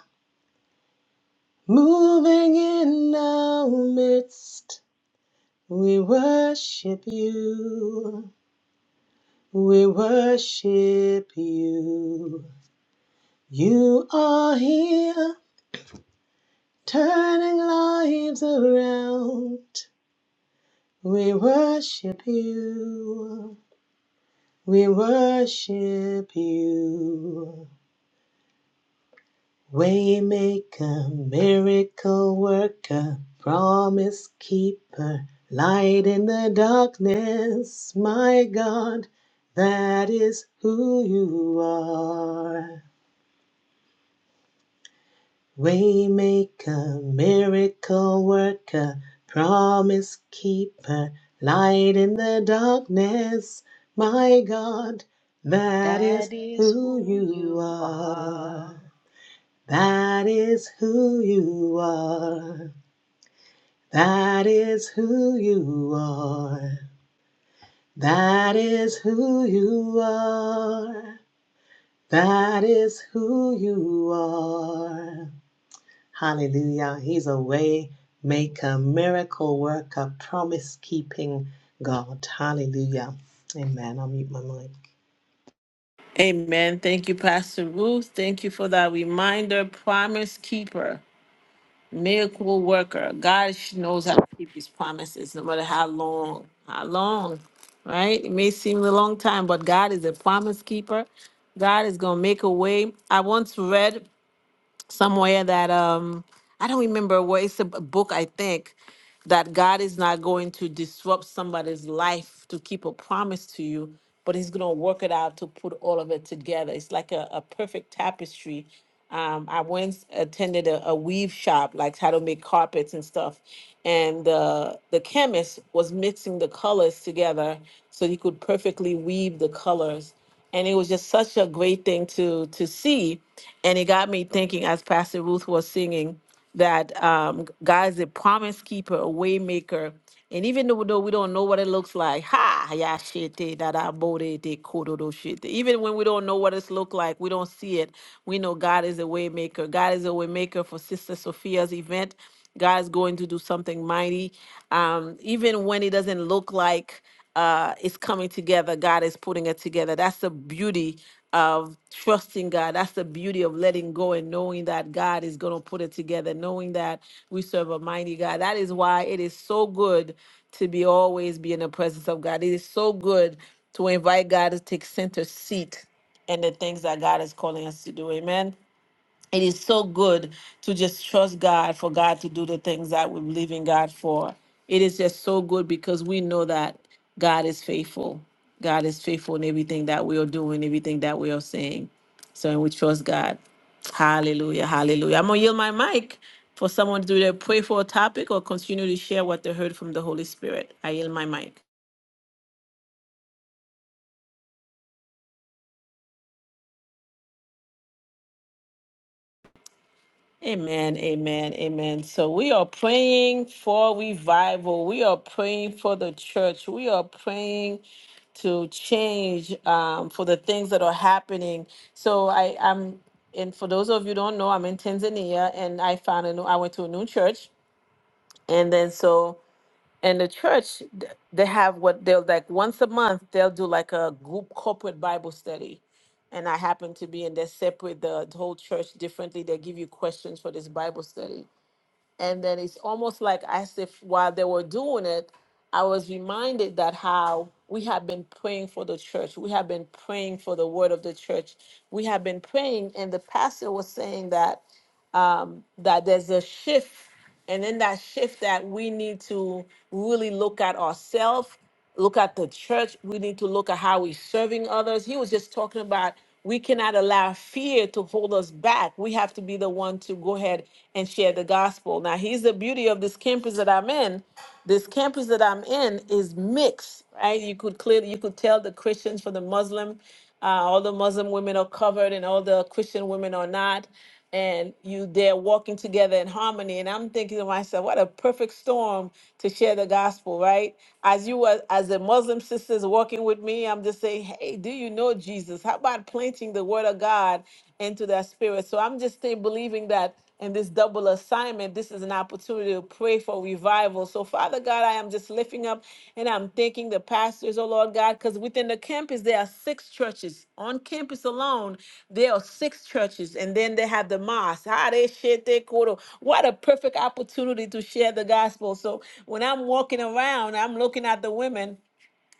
C: In our midst, we worship you. We worship you. You are here, turning lives around. We worship you. We worship you. Waymaker, miracle worker, promise keeper, light in the darkness, my God, that is who you are. Waymaker, miracle worker, promise keeper, light in the darkness, my God, that is
A: That is
C: who
A: who
C: you
A: you are.
C: are. That is who you are. That is who you are. That is who you are. That is who you are. Hallelujah. He's a way maker, miracle worker, promise keeping God. Hallelujah. Amen. I'll mute my mic.
B: Amen. Thank you, Pastor Ruth. Thank you for that reminder. Promise keeper, miracle worker. God knows how to keep his promises, no matter how long, how long, right? It may seem a long time, but God is a promise keeper. God is gonna make a way. I once read somewhere that um I don't remember where it's a b- book I think that God is not going to disrupt somebody's life to keep a promise to you, but He's going to work it out to put all of it together. It's like a, a perfect tapestry. Um, I once attended a, a weave shop, like how to make carpets and stuff, and the the chemist was mixing the colors together so he could perfectly weave the colors. And it was just such a great thing to to see, and it got me thinking as Pastor Ruth was singing that um, God is a promise keeper, a way maker. And even though though we don't know what it looks like, ha, ya shit, eh, da da bo de de ko do do Even when we don't know what it's look like, we don't see it. We know God is a way maker. God is a way maker for Sister Sophia's event. God is going to do something mighty. Um, even when it doesn't look like uh, it's coming together, God is putting it together. That's the beauty of trusting God. That's the beauty of letting go and knowing that God is going to put it together, knowing that we serve a mighty God. That is why it is so good to be always be in the presence of God. It is so good to invite God to take center seat in the things that God is calling us to do. Amen it is so good to just trust God for God to do the things that we believe in God for. It is just so good because we know that God is faithful. God is faithful in everything that we are doing, everything that we are saying. So and we trust God. Hallelujah. Hallelujah. I'm gonna yield my mic for someone to either pray for a topic or continue to share what they heard from the Holy Spirit. I yield my mic. Amen, amen, amen. So we are praying for revival. We are praying for the church. We are praying to change um, for the things that are happening. So I am, and for those of you who don't know, I'm in Tanzania, and I found a new. I went to a new church, and then so and the church th- they have what they'll like once a month they'll do like a group corporate bible study and i happen to be in they separate the the whole church differently they give you questions for this bible study and then it's almost like as if while they were doing it i was reminded that how we have been praying for the church we have been praying for the word of the church we have been praying and the pastor was saying that um, that there's a shift. And in that shift, that we need to really look at ourselves, look at the church. We need to look at how we're serving others. He was just talking about we cannot allow fear to hold us back. We have to be the one to go ahead and share the gospel. Now, here's the beauty of this campus that I'm in. This campus that I'm in is mixed, right? You could clearly you could tell the Christians from the Muslim, uh, all the Muslim women are covered and all the Christian women are not and you they're walking together in harmony and i'm thinking to myself what a perfect storm to share the gospel right as you were as the muslim sisters walking with me i'm just saying hey do you know jesus how about planting the word of god into their spirit so i'm just stay believing that and this double assignment, this is an opportunity to pray for revival. So, Father God, I am just lifting up and I'm thanking the pastors, oh Lord God, because within the campus, there are six churches. On campus alone, there are six churches, and then they have the mosque. Ah, they share their quarter. What a perfect opportunity to share the gospel. So, when I'm walking around, I'm looking at the women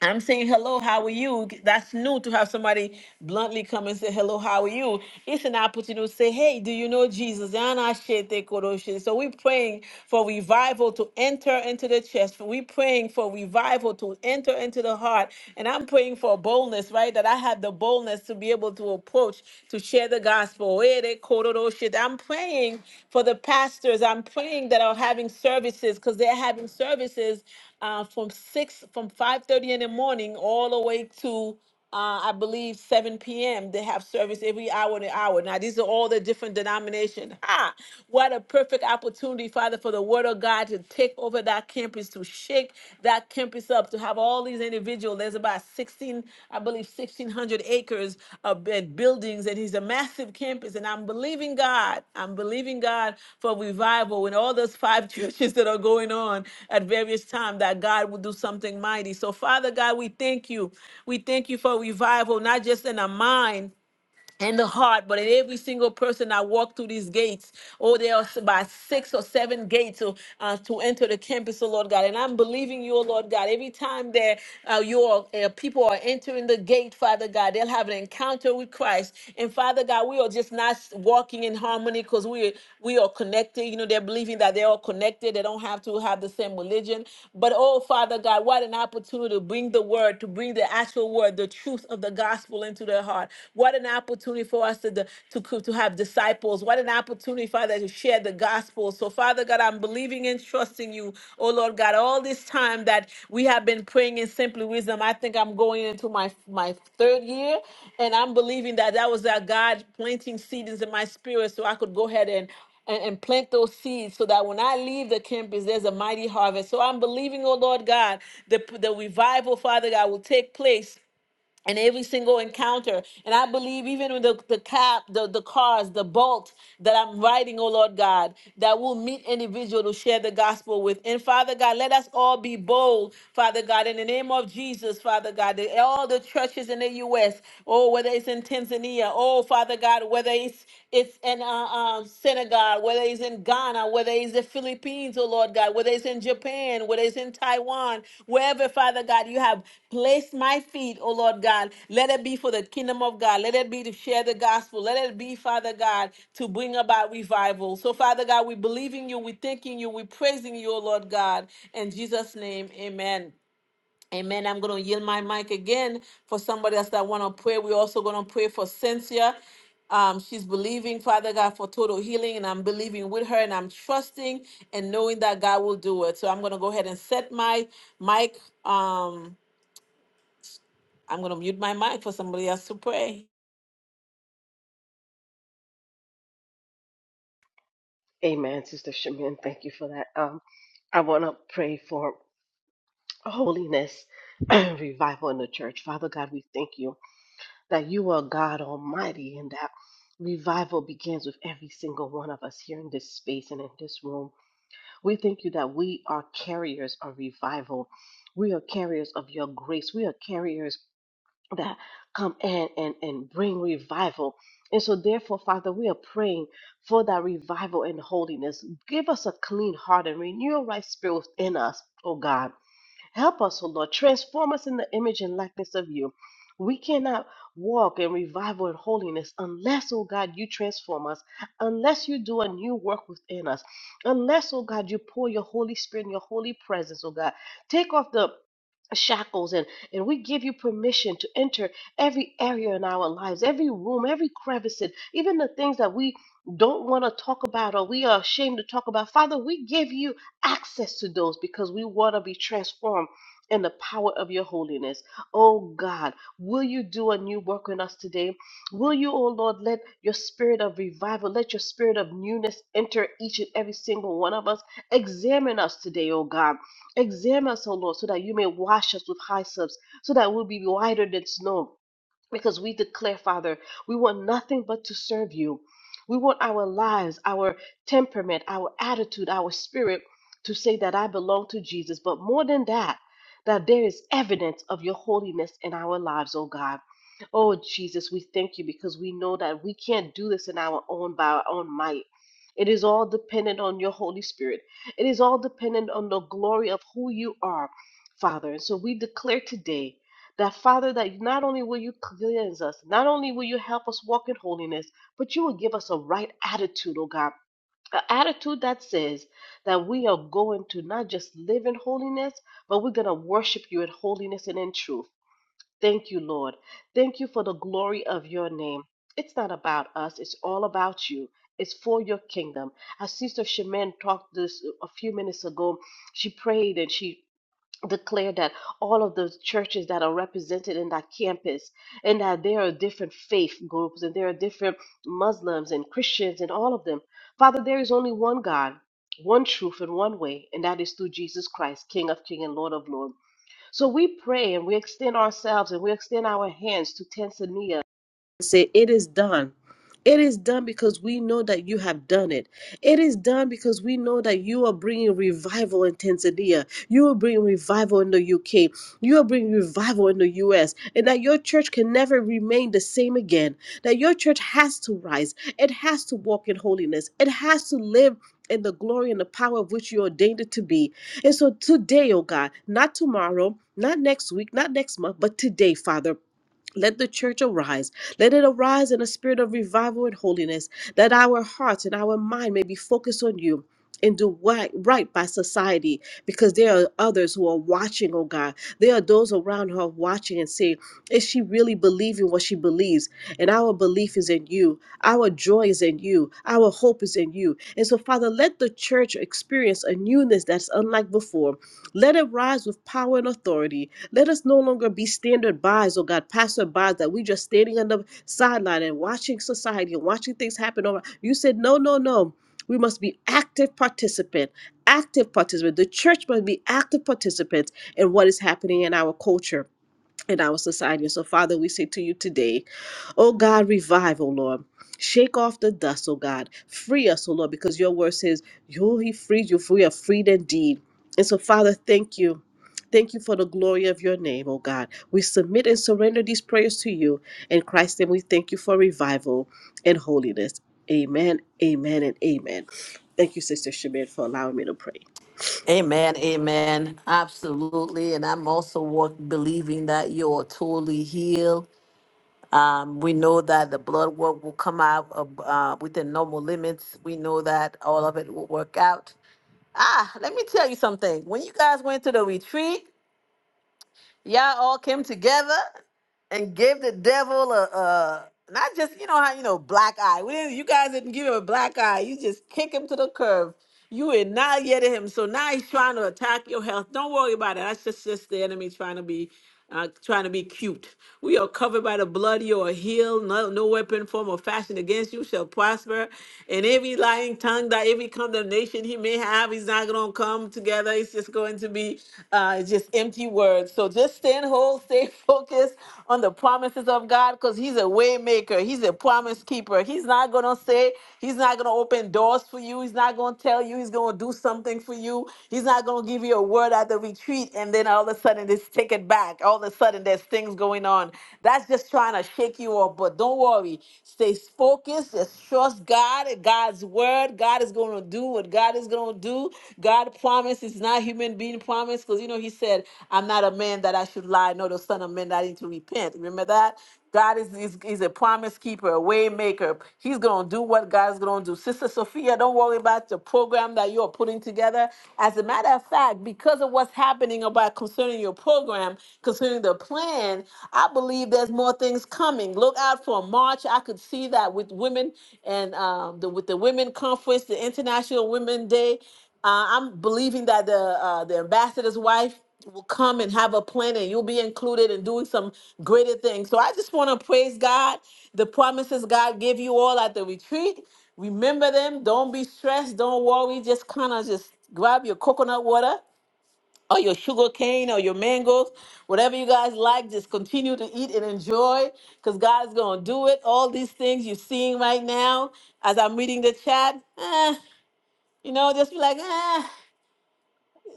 B: I'm saying hello, how are you? That's new to have somebody bluntly come and say hello, how are you? It's an opportunity to say, hey, do you know Jesus? And I share the corruption. So we're praying for revival to enter into the chest. We're praying for revival to enter into the heart. And I'm praying for boldness, right? That I have the boldness to be able to approach, to share the gospel. I'm praying for the pastors. I'm praying that are having services because they're having services uh, from six, from five thirty in the morning all the way to uh, I believe 7 p.m. They have service every hour and an hour. Now, these are all the different denominations. Ha! What a perfect opportunity, Father, for the Word of God to take over that campus to shake that campus up to have all these individuals. There's about 16, I believe, 1,600 acres of buildings, and he's a massive campus. And I'm believing God. I'm believing God for revival in all those five churches that are going on at various times that God will do something mighty. So, Father God, we thank you. We thank you for revival, not just in our mind and the heart, but in every single person that walk through these gates, oh, there are about six or seven gates to, uh, to enter the campus, oh Lord God. And I'm believing you, oh Lord God. Every time that uh, your uh, people are entering the gate, Father God, they'll have an encounter with Christ. And Father God, we are just not walking in harmony because we we are connected. You know, they're believing that they're all connected. They don't have to have the same religion. But oh, Father God, what an opportunity to bring the word, to bring the actual word, the truth of the gospel into their heart. What an opportunity for us to, to, to have disciples. What an opportunity, Father, to share the gospel. So, Father God, I'm believing and trusting you, oh Lord God, all this time that we have been praying in simply wisdom. I think I'm going into my, my third year, and I'm believing that that was our God planting seeds in my spirit so I could go ahead and and, and plant those seeds so that when I leave the campus, there's a mighty harvest. So I'm believing, oh Lord God, the, the revival, Father God, will take place and every single encounter. And I believe even with the, the cab, the, the cars, the boat that I'm riding, oh Lord God, that will meet individual to share the gospel with. And Father God, let us all be bold, Father God, in the name of Jesus, Father God, that all the churches in the U.S., oh, whether it's in Tanzania, oh, Father God, whether it's it's in uh, uh, Senegal, whether it's in Ghana, whether it's the Philippines, oh Lord God, whether it's in Japan, whether it's in Taiwan, wherever, Father God, you have placed my feet, oh Lord God. Let it be for the kingdom of God. Let it be to share the gospel. Let it be, Father God, to bring about revival. So, Father God, we believe in you, we thanking you, we praising you, oh Lord God. In Jesus' name, amen. Amen. I'm going to yield my mic again for somebody else that want to pray. We're also going to pray for Cynthia. Um, she's believing, Father God, for total healing, and I'm believing with her, and I'm trusting and knowing that God will do it. So I'm going to go ahead and set my mic. Um, I'm going to mute my mic for somebody else to pray.
A: Amen, Sister Shamin. Thank you for that. Um, I want to pray for holiness and revival in the church. Father God, we thank you. that you are God Almighty and that revival begins with every single one of us here in this space and in this room. We thank you that we are carriers of revival. We are carriers of your grace. We are carriers that come in and, and bring revival. And so, therefore, Father, we are praying for that revival and holiness. Give us a clean heart and renew a right spirit within us, oh God Help us, O Lord. Transform us in the image and likeness of you. We cannot walk in revival and holiness unless, oh God, you transform us, unless you do a new work within us, unless, oh God, you pour your Holy Spirit and your holy presence, oh God. Take off the shackles and and we give you permission to enter every area in our lives every room every crevice and even the things that we don't want to talk about or we are ashamed to talk about father we give you access to those because we want to be transformed in the power of your holiness. Oh God, will you do a new work in us today? Will you, oh Lord, let your spirit of revival, let your spirit of newness enter each and every single one of us? Examine us today, oh God Examine us, O Lord, so that you may wash us with hyssop, so that we'll be whiter than snow because we declare, Father, we want nothing but to serve you. We want our lives, our temperament, our attitude, our spirit to say that I belong to Jesus. But more than that, that there is evidence of your holiness in our lives, oh God. Oh Jesus, we thank you because we know that we can't do this in our own by our own might. It is all dependent on your Holy Spirit. It is all dependent on the glory of who you are, Father. And so we declare today that Father, that not only will you cleanse us, not only will you help us walk in holiness, but you will give us a right attitude, oh God. An attitude that says that we are going to not just live in holiness, but we're going to worship you in holiness and in truth. Thank you, Lord. Thank you for the glory of your name. It's not about us, it's all about you. It's for your kingdom. As Sister Shemin talked this a few minutes ago, she prayed and she declare that all of the churches that are represented in that campus and that there are different faith groups and there are different Muslims and Christians and all of them. Father, there is only one God, one truth and one way, and that is through Jesus Christ, King of King and Lord of Lord. So we pray and we extend ourselves and we extend our hands to Tanzania say, It is done. It is done because we know that you have done it. It is done because we know that you are bringing revival in Tanzania. You are bringing revival in the UK. You are bringing revival in the US. And that your church can never remain the same again. That your church has to rise. It has to walk in holiness. It has to live in the glory and the power of which you ordained it to be. And so today, oh God, not tomorrow, not next week, not next month, but today, Father. Let the church arise. Let it arise in a spirit of revival and holiness, that our hearts and our mind may be focused on you and do right, right by society because there are others who are watching, oh God. There are those around who are watching and saying, Is she really believing what she believes? And our belief is in you. Our joy is in you. Our hope is in you. And so, Father, let the church experience a newness that's unlike before. Let it rise with power and authority let us no longer be standard bys, oh God, passerbys that we just standing on the sideline and watching society and watching things happen over. You said, no, no, no. We must be active participant, active participant. The church must be active participants in what is happening in our culture in our society. so, Father, we say to you today, oh God, revive, oh Lord. Shake off the dust, oh God. Free us, oh Lord, because your word says, you he frees you, for we are freed indeed. And so, Father, thank you. Thank you for the glory of your name, oh God. We submit and surrender these prayers to you. In Christ's name, we thank you for revival and holiness. Amen, amen, and amen. Thank you, Sister Shabir, for allowing me to pray.
B: Amen, amen. Absolutely. And I'm also walk, believing that you're totally healed. Um, we know that the blood work will come out of, uh, within normal limits. We know that all of it will work out. Ah, let me tell you something. When you guys went to the retreat, y'all all came together and gave the devil a, a not just you know how you know black eye. We didn't, you guys didn't give him a black eye. You just kick him to the curb. You annihilated him. So now he's trying to attack your health. Don't worry about it. That's just just the enemy trying to be uh, trying to be cute. We are covered by the blood. You are healed. No, no weapon form or fashion against you shall prosper. And every lying tongue that every condemnation he may have, he's not going to come together. It's just going to be uh, just empty words. So just stand whole, stay focused on the promises of God because he's a way maker. He's a promise keeper. He's not going to say, he's not going to open doors for you. He's not going to tell you. He's he's going to do something for you. He's not going to give you a word at the retreat and then all of a sudden just take it back. All of a sudden there's things going on. That's just trying to shake you up. But don't worry. Stay focused. Just trust God and God's word. God is going to do what God is going to do. God promised. It's not human being promise because, you know, he said, I'm not a man that I should lie, nor the son of man that I need to repent. Remember that? God is, is, is a promise keeper, a way maker. He's going to do what God's going to do. Sister Sophia, don't worry about the program that you're putting together. As a matter of fact, because of what's happening about concerning your program, concerning the plan, I believe there's more things coming. Look out for March. I could see that with women and um, the, with the Women Conference, the International Women Day. Uh, I'm believing that the uh, the ambassador's wife will come and have a plan and you'll be included in doing some greater things. So I just want to praise God. The promises God gave you all at the retreat. Remember them. Don't be stressed. Don't worry. Just kind of just grab your coconut water or your sugar cane or your mangoes, whatever you guys like. Just continue to eat and enjoy because God is going to do it. All these things you're seeing right now as I'm reading the chat, eh, you know, just be like, eh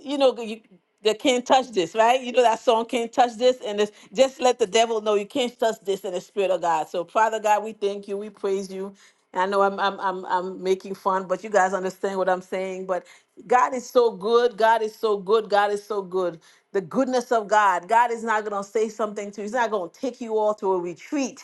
B: you know, you, the can't touch this, right? You know that song can't touch this, and it's just let the devil know you can't touch this in the spirit of God. So, Father God, we thank you, we praise you. And I know I'm I'm I'm I'm making fun, but you guys understand what I'm saying. But God is so good. God is so good. God is so good. The goodness of God. God is not gonna say something to you. He's not gonna take you all to a retreat.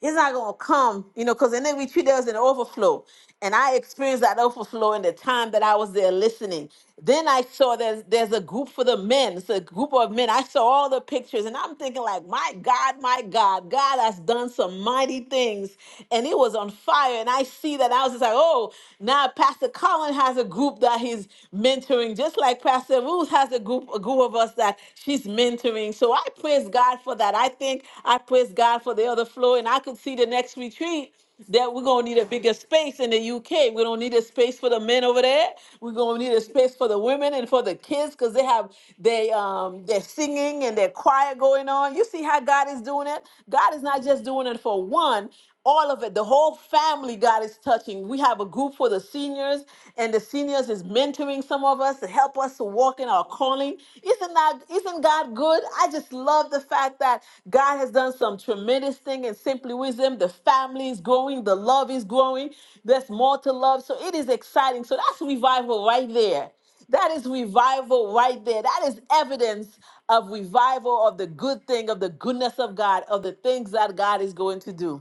B: It's not gonna come, you know, because in every tree there was an overflow. And I experienced that overflow in the time that I was there listening. Then I saw there's there's a group for the men. It's a group of men. I saw all the pictures and I'm thinking like, my God, my God, God has done some mighty things. And it was on fire. And I see that I was just like, oh, now Pastor Colin has a group that he's mentoring, just like Pastor Ruth has a group, a group of us that She's mentoring. So I praise God for that. I think I praise God for the other floor. And I could see the next retreat that we're gonna need a bigger space in the UK. We don't need a space for the men over there. We're gonna need a space for the women and for the kids because they have they um their singing and their choir going on. You see how God is doing it? God is not just doing it for one all of it. The whole family God is touching. We have a group for the seniors, and the seniors is mentoring some of us to help us to walk in our calling. Isn't that isn't God good? I just love the fact that God has done some tremendous thing in Simply Wisdom. The family is growing, the love is growing. There's more to love. So it is exciting. So that's revival right there. That is revival right there. That is evidence of revival of the good thing, of the goodness of God, of the things that God is going to do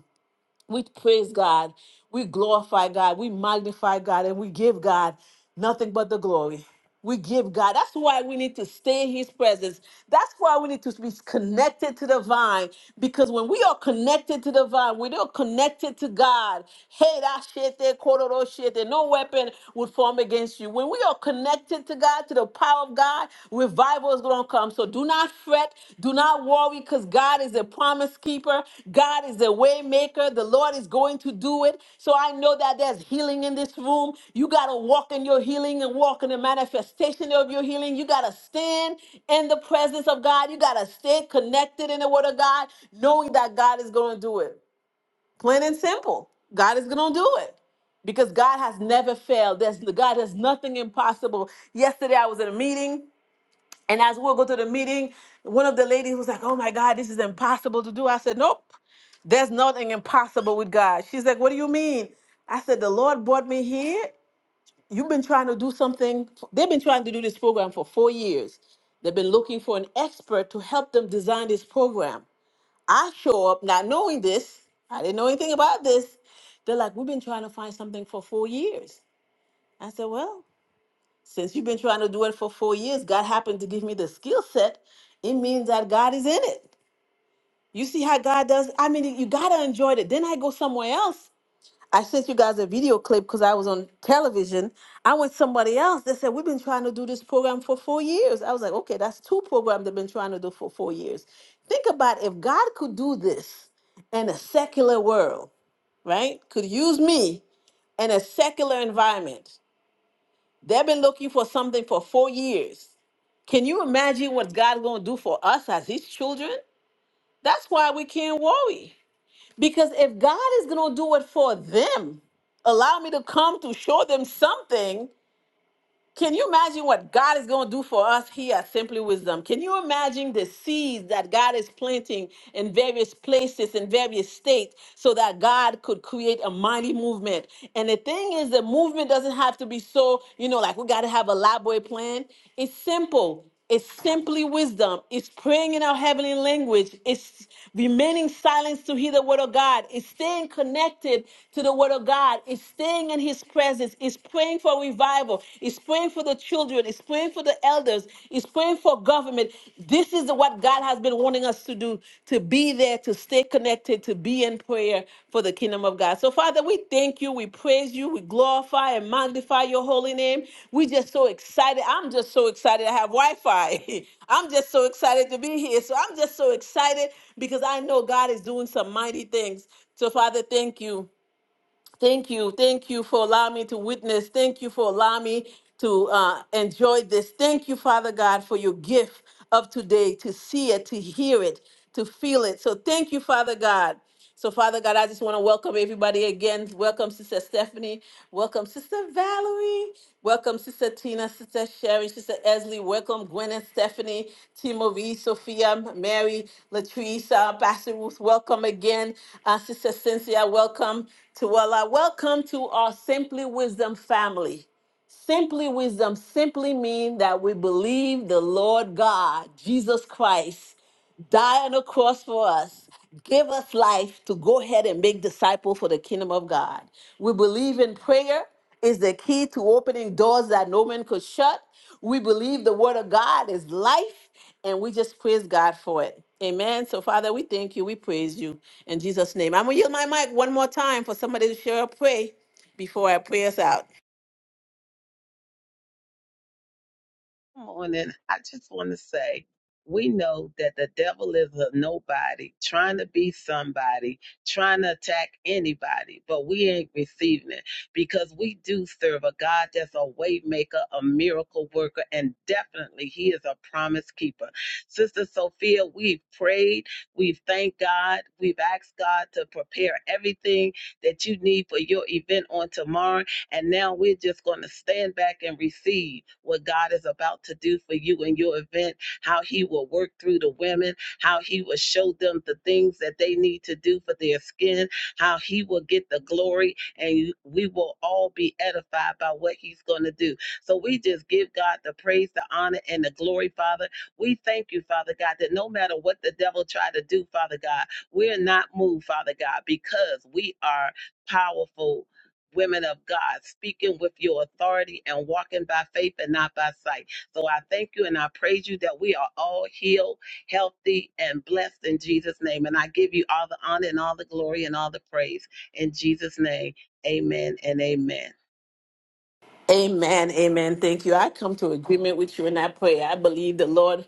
B: we praise God, we glorify God, we magnify God, and we give God nothing but the glory. We give God. That's why we need to stay in His presence. That's why we need to be connected to the vine. Because when we are connected to the vine, we are connected to God. Hey, that shit there, kororo shit there. No weapon would form against you. When we are connected to God, to the power of God, revival is going to come. So do not fret. Do not worry because God is a promise keeper. God is a way maker. The Lord is going to do it. So I know that there's healing in this room. You got to walk in your healing and walk in the manifestation of your healing. You got to stand in the presence of God. You got to stay connected in the Word of God, knowing that God is going to do it. Plain and simple. God is going to do it because God has never failed. There's, God has nothing impossible. Yesterday I was in a meeting and as we'll go to the meeting, one of the ladies was like, Oh my God, this is impossible to do. I said, Nope, there's nothing impossible with God. She's like, What do you mean? I said, The Lord brought me here. You've been trying to do something. They've been trying to do this program for four years. They've been looking for an expert to help them design this program. I show up not knowing this. I didn't know anything about this. They're like, We've been trying to find something for four years. I said, Well, since you've been trying to do it for four years, God happened to give me the skill set. It means that God is in it. You see how God does? I mean, you gotta enjoy it. Then I go somewhere else. I sent you guys a video clip because I was on television. I went somebody else. They said, We've been trying to do this program for four years. I was like, Okay, that's two programs they've been trying to do for four years. Think about if God could do this in a secular world, right? Could use me in a secular environment. They've been looking for something for four years. Can you imagine what God going to do for us as his children? That's why we can't worry. Because if God is going to do it for them, allow me to come to show them something. Can you imagine what God is going to do for us here at Simply Wisdom? Can you imagine the seeds that God is planting in various places, in various states, so that God could create a mighty movement? And the thing is, the movement doesn't have to be so, you know, like we got to have a elaborate plan. It's simple. It's simply wisdom. It's praying in our heavenly language. It's remaining silent to hear the word of God. It's staying connected to the word of God. It's staying in his presence. It's praying for revival. It's praying for the children. It's praying for the elders. It's praying for government. This is what God has been wanting us to do to be there, to stay connected, to be in prayer for the kingdom of God. So, Father, we thank you, we praise you, we glorify and magnify your holy name. we just so excited. I'm just so excited. I have Wi Fi. I'm just so excited to be here. So, I'm just so excited because I know God is doing some mighty things. So, Father, thank you. Thank you. Thank you for allowing me to witness. Thank you for allowing me to uh, enjoy this. Thank you, Father God, for your gift of today to see it, to hear it, to feel it. So thank you, Father God. So, Father God, I just want to welcome everybody again. Welcome, Sister Stephanie. Welcome, Sister Valerie. Welcome, Sister Tina, Sister Sherry, Sister Esley. Welcome, Gwyneth, Stephanie, Timothy, Sophia, Mary, Latrice, Pastor Ruth. Welcome again, uh, Sister Cynthia. Welcome to Allah. Welcome to our Simply Wisdom family. Simply wisdom simply means that we believe the Lord God, Jesus Christ, die on the cross for us, give us life to go ahead and make disciples for the kingdom of God. We believe in prayer is the key to opening doors that no man could shut. We believe the word of God is life, and we just praise God for it. Amen. So, Father, we thank you. We praise you in Jesus' name. I'm going to yield my mic one more time for somebody to share a pray before I pray us out.
D: morning, I just want to say we know that the devil is a nobody trying to be somebody, trying to attack anybody, but we ain't receiving it because we do serve a God that's a way maker, a miracle worker, and definitely he is a promise keeper. Sister Sophia, we've prayed, we've thanked God, we've asked God to prepare everything that you need for your event on tomorrow and now we're just going to stand back and receive what God is about to do for you and your event, how He will work through the women, how He will show them the things that they need to do for their skin, how He will get the glory, and you- we will all be edified by what He's going to do. So we just give God the praise, the honor, and the glory, Father. We thank you, Father God, that no matter what the devil tried to do, Father God, we're not moved, Father God, because we are powerful women of God, speaking with your authority and walking by faith and not by sight. So I thank you and I praise you that we are all healed, healthy, and blessed in Jesus' name. And I give you all the honor and all the glory and all the praise in Jesus' name. Amen and amen.
B: Amen. Amen. Thank you. I come to agreement with you in that prayer. I believe the Lord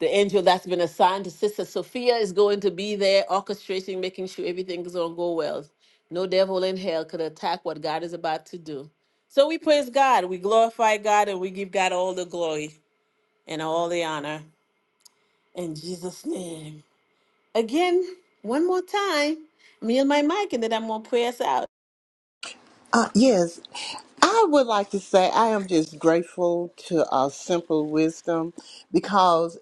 B: The angel that's been assigned to Sister Sophia is going to be there orchestrating, making sure everything is going to go well. No devil in hell could attack what God is about to do. So we praise God, we glorify God, and we give God all the glory and all the honor in Jesus' name. Again, one more time, me and my mic, and then I'm going to pray us out.
F: Uh, yes, I would like to say I am just grateful to our simple wisdom because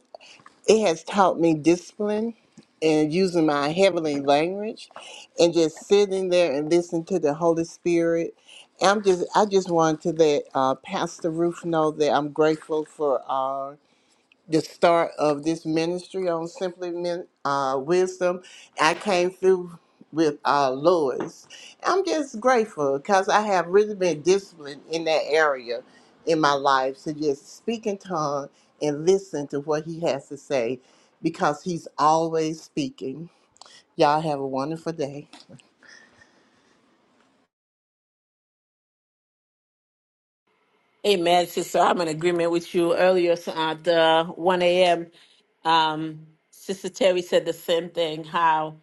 F: it has taught me discipline and using my heavenly language and just sitting there and listening to the Holy Spirit. I'm just I just wanted to let uh, Pastor Ruth know that I'm grateful for. uh, the start of this ministry on Simply Men, uh, Wisdom. I came through with uh, Lois. I'm just grateful because I have really been disciplined in that area in my life to just speak in tongue and listen to what he has to say because he's always speaking. Y'all have a wonderful day.
B: Amen, sister. I'm in agreement with you earlier so at uh, 1 a.m. Um, Sister Terry said the same thing, how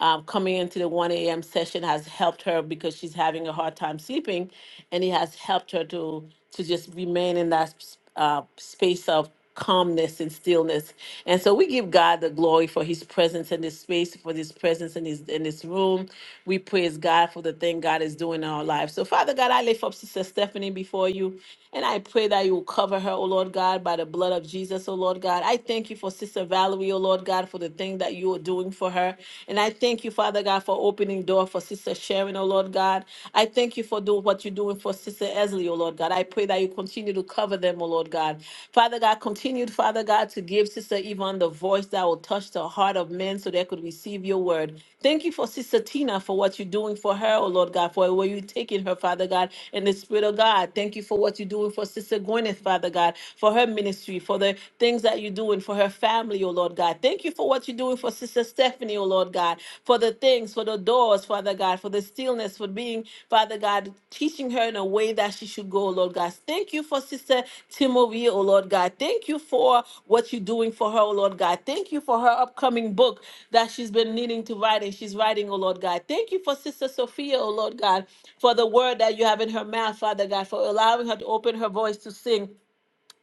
B: um, coming into the 1 a.m. session has helped her because she's having a hard time sleeping, and it has helped her to to just remain in that s- uh, space of calmness and stillness. And so we give God the glory for His presence in this space, for His presence in His in this room. We praise God for the thing God is doing in our lives. So Father God, I lift up Sister Stephanie before you, and I pray that that you will cover her, O Lord God, by the blood of Jesus, O Lord God. I thank you for Sister Valerie, O Lord God, for the thing that you are doing for her. And I thank you, Father God, for opening door for Sister Sharon, O Lord God. I thank you for doing what you're doing for Sister Esley, O Lord God. I pray that you continue to cover them, O Lord God. Father God, continue, Father God, to give Sister Yvonne the voice that will touch the heart of men so they could receive your word. Thank you for Sister Tina for what you're doing for her, oh Lord God, for where you're taking her, Father God, in the Spirit of God. Thank you for what you're doing for Sister Gwyneth, Father God, for her ministry, for the things that you're doing for her family, oh Lord God. Thank you for what you're doing for Sister Stephanie, oh Lord God, for the things, for the doors, Father God, for the stillness, for being, Father God, teaching her in a way that she should go, oh Lord God. Thank you for Sister Timori, oh Lord God. Thank you for what you're doing for her, oh Lord God. Thank you for her upcoming book that she's been needing to write and she's writing, oh Lord God. Thank you for Sister Sophia, oh Lord God, for the word that you have in her mouth, Father God, for allowing her to open her voice to sing.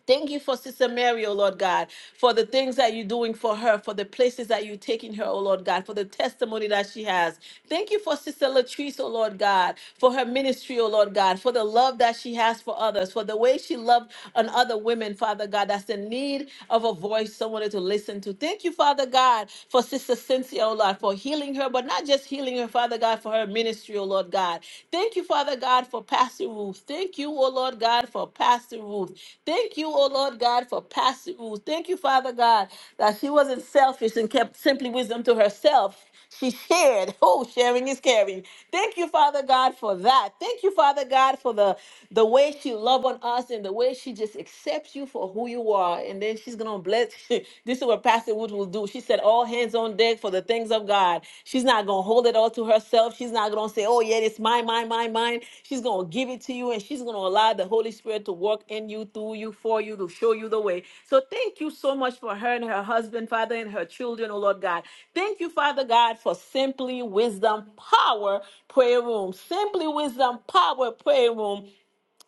B: Thank you for Sister Mary, oh Lord God, for the things that you're doing for her, for the places that you're taking her, oh Lord God, for the testimony that she has. Thank you for Sister Latrice, oh Lord God, for her ministry, oh Lord God, for the love that she has for others, for the way she loved on other women, Father God, that's the need of a voice, someone to listen to. Thank you, Father God, for Sister Cynthia, oh Lord, for healing her, but not just healing her, Father God, for her ministry, oh Lord God. Thank you, Father God, for Pastor Ruth. Thank you, oh Lord God, for Pastor Ruth. Thank you, oh Lord God, for Pastor Ruth. Thank you, Father God, that she wasn't selfish and kept simply wisdom to herself. She shared. Oh, sharing is caring. Thank you, Father God, for that. Thank you, Father God, for the the way she loved on us and the way she just accepts you for who you are. And then she's gonna bless. this is what Pastor Wood will do. She said, "All hands on deck for the things of God." She's not gonna hold it all to herself. She's not gonna say, oh yeah, it's mine, mine, mine, mine. She's gonna give it to you and she's gonna allow the Holy Spirit to work in you, through you, for you, to show you the way. So thank you so much for her and her husband, Father, and her children, oh Lord God. Thank you, Father God, for simply wisdom power prayer room. Simply wisdom power prayer room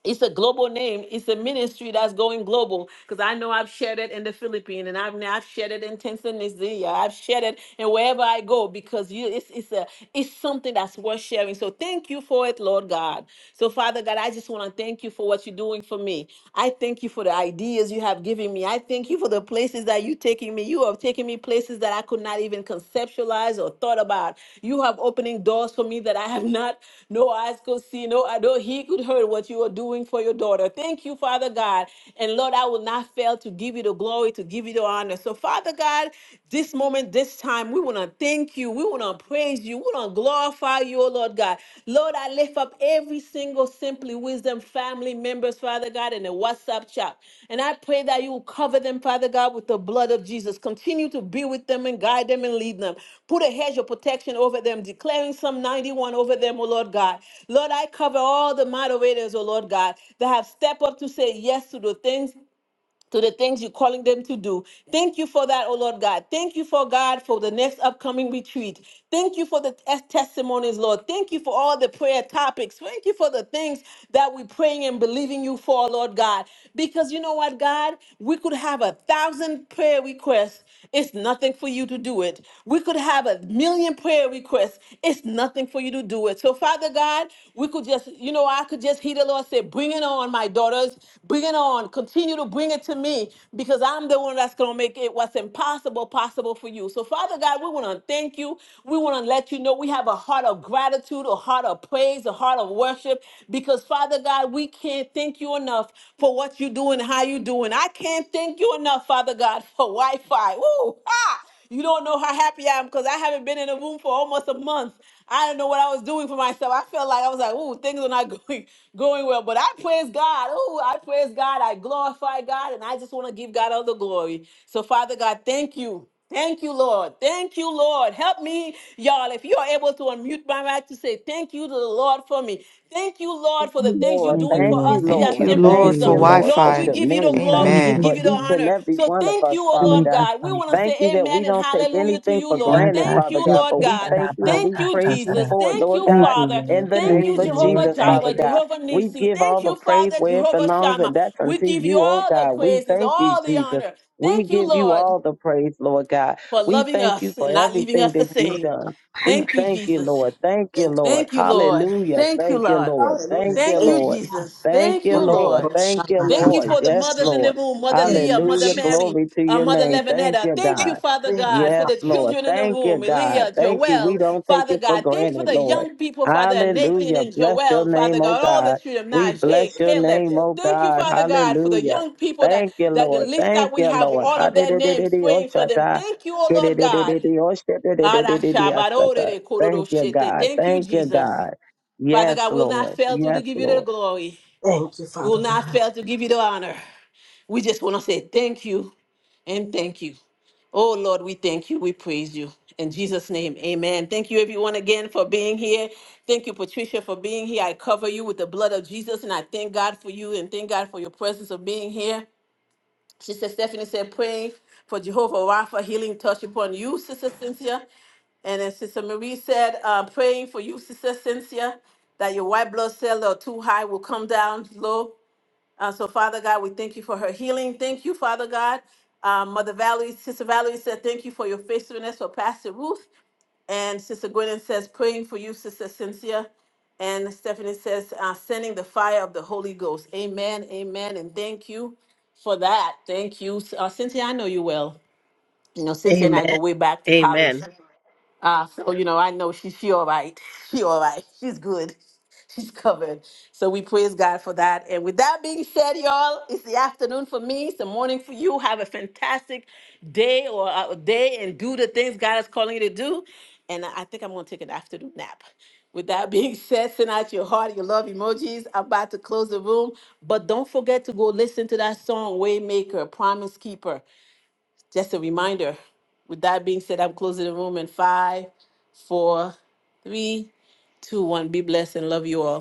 B: it's a global name. It's a ministry that's going global because I know I've shared it in the Philippines and I've I've shared it in Tanzania. I've shared it and wherever I go because you it's it's a it's something that's worth sharing. So thank you for it, Lord God. So Father God, I just want to thank you for what you're doing for me. I thank you for the ideas you have given me. I thank you for the places that you're taking me. You you have taken me places that I could not even conceptualize or thought about. You have opening doors for me that I have not, no eyes could see, no, I he could heard what you are doing for your daughter. Thank you, Father God. And Lord, I will not fail to give you the glory, to give you the honor. So, Father God, this moment, this time, we want to thank you. We want to praise you. We want to glorify you, oh Lord God. God. Lord, I lift up every single Simply Wisdom family members, Father God, in the WhatsApp chat. And I pray that you will cover them, Father God, with the blood of Jesus. Continue to be with them and guide them and lead them. Put a hedge of protection over them, declaring Psalm 91 over them, O Lord God. Lord, I cover all the moderators, O Lord God, that have stepped up to say yes to the things to the things you're calling them to do. Thank you for that, oh Lord God. Thank you for God for the next upcoming retreat. Thank you for the tes- testimonies, Lord. Thank you for all the prayer topics. Thank you for the things that we're praying and believing you for, Lord God. Because you know what, God? We could have a thousand prayer requests it's nothing for you to do it. We could have a million prayer requests. It's nothing for you to do it. So, Father God, we could just, you know, I could just hear the Lord say, Bring it on, my daughters. Bring it on. Continue to bring it to me because I'm the one that's going to make it what's impossible possible for you. So, Father God, we want to thank you. We want to let you know we have a heart of gratitude, a heart of praise, a heart of worship because, Father God, we can't thank you you enough for what you do and how you do. And I can't thank you enough, Father God, for Wi Fi. Woo! ah! You don't know how happy I am because I haven't been in a room for almost a month. I don't know what I was doing for myself. I felt like I was like, ooh, things are not going going well. But I praise God. Ooh, I praise God. I glorify God. And I just want to give God all the glory. So, Father God, thank you. Thank you, Lord. Thank you, Lord. Help me, y'all. If you are able to unmute my mic to say thank you to the Lord for me. Thank you, Lord, for the
D: you,
B: things you're
D: Lord.
G: Thank
B: doing
G: you,
D: Thank
B: for
D: you,
B: us
G: Lord.
B: here
H: Thank
B: at
D: Lord.
H: you,
B: Simply
G: Thank you,
D: Thank
H: Lord, for
B: Wisdom.
D: you,
H: Wi
G: Lord.
D: Lord, for
B: Lord, we
H: Fi.
B: give you the
D: Shamari. Thank
G: Thank
B: glory
D: you
B: and
H: Amen.
G: you,
D: for
B: give you the
D: each
G: Lord.
D: and
B: honor.
D: every
B: So
D: one of
B: thank
D: us,
B: you, oh
D: Father
G: Thank
B: Lord
D: God.
G: you,
B: God. We want
G: Father.
B: to
D: Thank you
B: say
D: that we
B: amen and
D: don't take
B: hallelujah to
D: anything
B: you,
D: for
B: Lord.
G: God,
D: granted,
G: I
B: Thank
D: Father
B: you,
G: take
D: God,
B: Lord
D: but
G: it.
D: we
B: God.
G: that I
D: thank you and
G: must,
D: we
B: Thank
G: I
B: you,
G: got
D: praise
G: that
D: you
B: Jesus.
D: for it,
B: Thank
D: Lord
B: you,
G: Thank
D: God,
G: you,
B: Father.
D: in
G: Lord.
D: the
B: Thank
G: Thank
D: name
B: you,
G: you,
D: of
G: Lord.
B: Jehovah
D: Jesus,
G: Thank
D: Father
B: Jireh,
G: you.
D: God.
B: Jehovah
D: We
B: Nissi.
D: give all
B: Thank
D: the
B: you,
D: praise
B: Father,
D: where it
B: Jehovah
D: belongs, and
B: Shammah.
D: that's
B: We
D: unto
B: give you
D: you, oh
B: all the
D: God. We
B: praises,
D: thank you,
B: all the
D: Jesus.
B: honor.
D: We
B: Thank you,
D: give you
B: Lord
D: all the praise, Lord God.
B: for
D: We
B: loving
D: thank you
B: us
D: for
B: and not leaving
D: everything
B: us the
D: that you've
B: same.
D: done. We
B: Thank you,
D: thank you,
B: Jesus.
D: Lord. Thank you, Lord.
B: Thank you, Lord.
D: Hallelujah.
B: Thank you,
D: Thank you,
B: Lord.
D: Lord. Thank
A: Hallelujah.
D: you,
B: Thank
A: Thank
B: you,
D: Lord.
B: Jesus.
D: Thank
B: Thank
D: you,
B: you,
D: Lord.
B: Lord.
D: Thank you,
B: Thank
A: you.
B: you
D: Lord.
B: for the
D: Yes,
B: mothers in the
D: Lord.
B: room, Mother
A: Thank
B: Leah,
A: you,
B: Mother
D: Hallelujah.
A: Jesus.
B: Mary,
D: Glory to
B: uh,
D: your
B: Mother
D: name. Thank
B: Levinetta.
D: you,
B: Thank you,
D: God.
B: Father God, for
D: Yes,
B: the
D: Lord.
B: children in the
D: Thank you,
B: room,
D: God.
B: Elia,
D: Thank you. We
B: Joel,
D: don't take
B: Father
D: it for
B: God. Thank you for
D: granted,
B: the
D: Lord.
B: young people, Father, Nathan
D: Hallelujah.
B: and
D: Bless your
B: Joel, Father
D: name, oh
B: God, all the
D: God.
B: children,
D: We
B: Najee,
D: bless your
B: Caleb.
D: name, oh
B: Thank you,
D: God.
B: Father God, for the
D: Hallelujah.
B: young people that,
D: Thank you,
B: that the
D: Lord.
B: list that
D: Thank
B: we
D: you,
B: have,
D: Lord.
B: all of their names praying for them.
D: Hallelujah.
B: Thank you, oh
D: Thank
B: Lord God. Arashabarorere
D: you,
B: kororoshete.
D: God.
B: Thank you,
D: Thank you,
B: Jesus.
D: God.
B: Father
D: Yes,
B: God, we'll not
D: Lord.
B: fail to to
D: Yes,
B: give you the
D: Lord.
B: glory.
A: Thank you,
B: We'll
A: Father
B: not
A: God.
B: fail to give you the honor. We just want to say thank you and thank you. Oh Lord, we thank you. We praise you. In Jesus' name, amen. Thank you, everyone, again for being here. Thank you, Patricia, for being here. I cover you with the blood of Jesus, and I thank God for you and thank God for your presence of being here. Sister Stephanie said, praying for Jehovah Rapha healing touch upon you, Sister Cynthia. And then Sister Marie said, uh, praying for you, Sister Cynthia, that your white blood cell are too high will come down low. Uh, so, Father God, we thank you for her healing. Thank you, Father God. Um, Mother Valerie, Sister Valerie said, thank you for your faithfulness for Pastor Ruth. And Sister Gwynn says, praying for you, Sister Cynthia. And Stephanie says, uh, sending the fire of the Holy Ghost. Amen, amen, and thank you for that. Thank you. Uh, Cynthia, I know you well. You know, Cynthia and I
A: Amen.
B: go way back to college.
A: Amen.
B: Uh, so you know, I know she she all right. She all right. She's good. She's covered. So we praise God for that. And with that being said, y'all, it's the afternoon for me. It's the morning for you. Have a fantastic day or a day and do the things God is calling you to do. And I I think I'm gonna take an afternoon nap. With that being said, send out your heart, your love emojis. I'm about to close the room, but don't forget to go listen to that song, Waymaker, Promise Keeper. Just a reminder. With that being said, I'm closing the room in five four, three, two, one. Be blessed and love you all.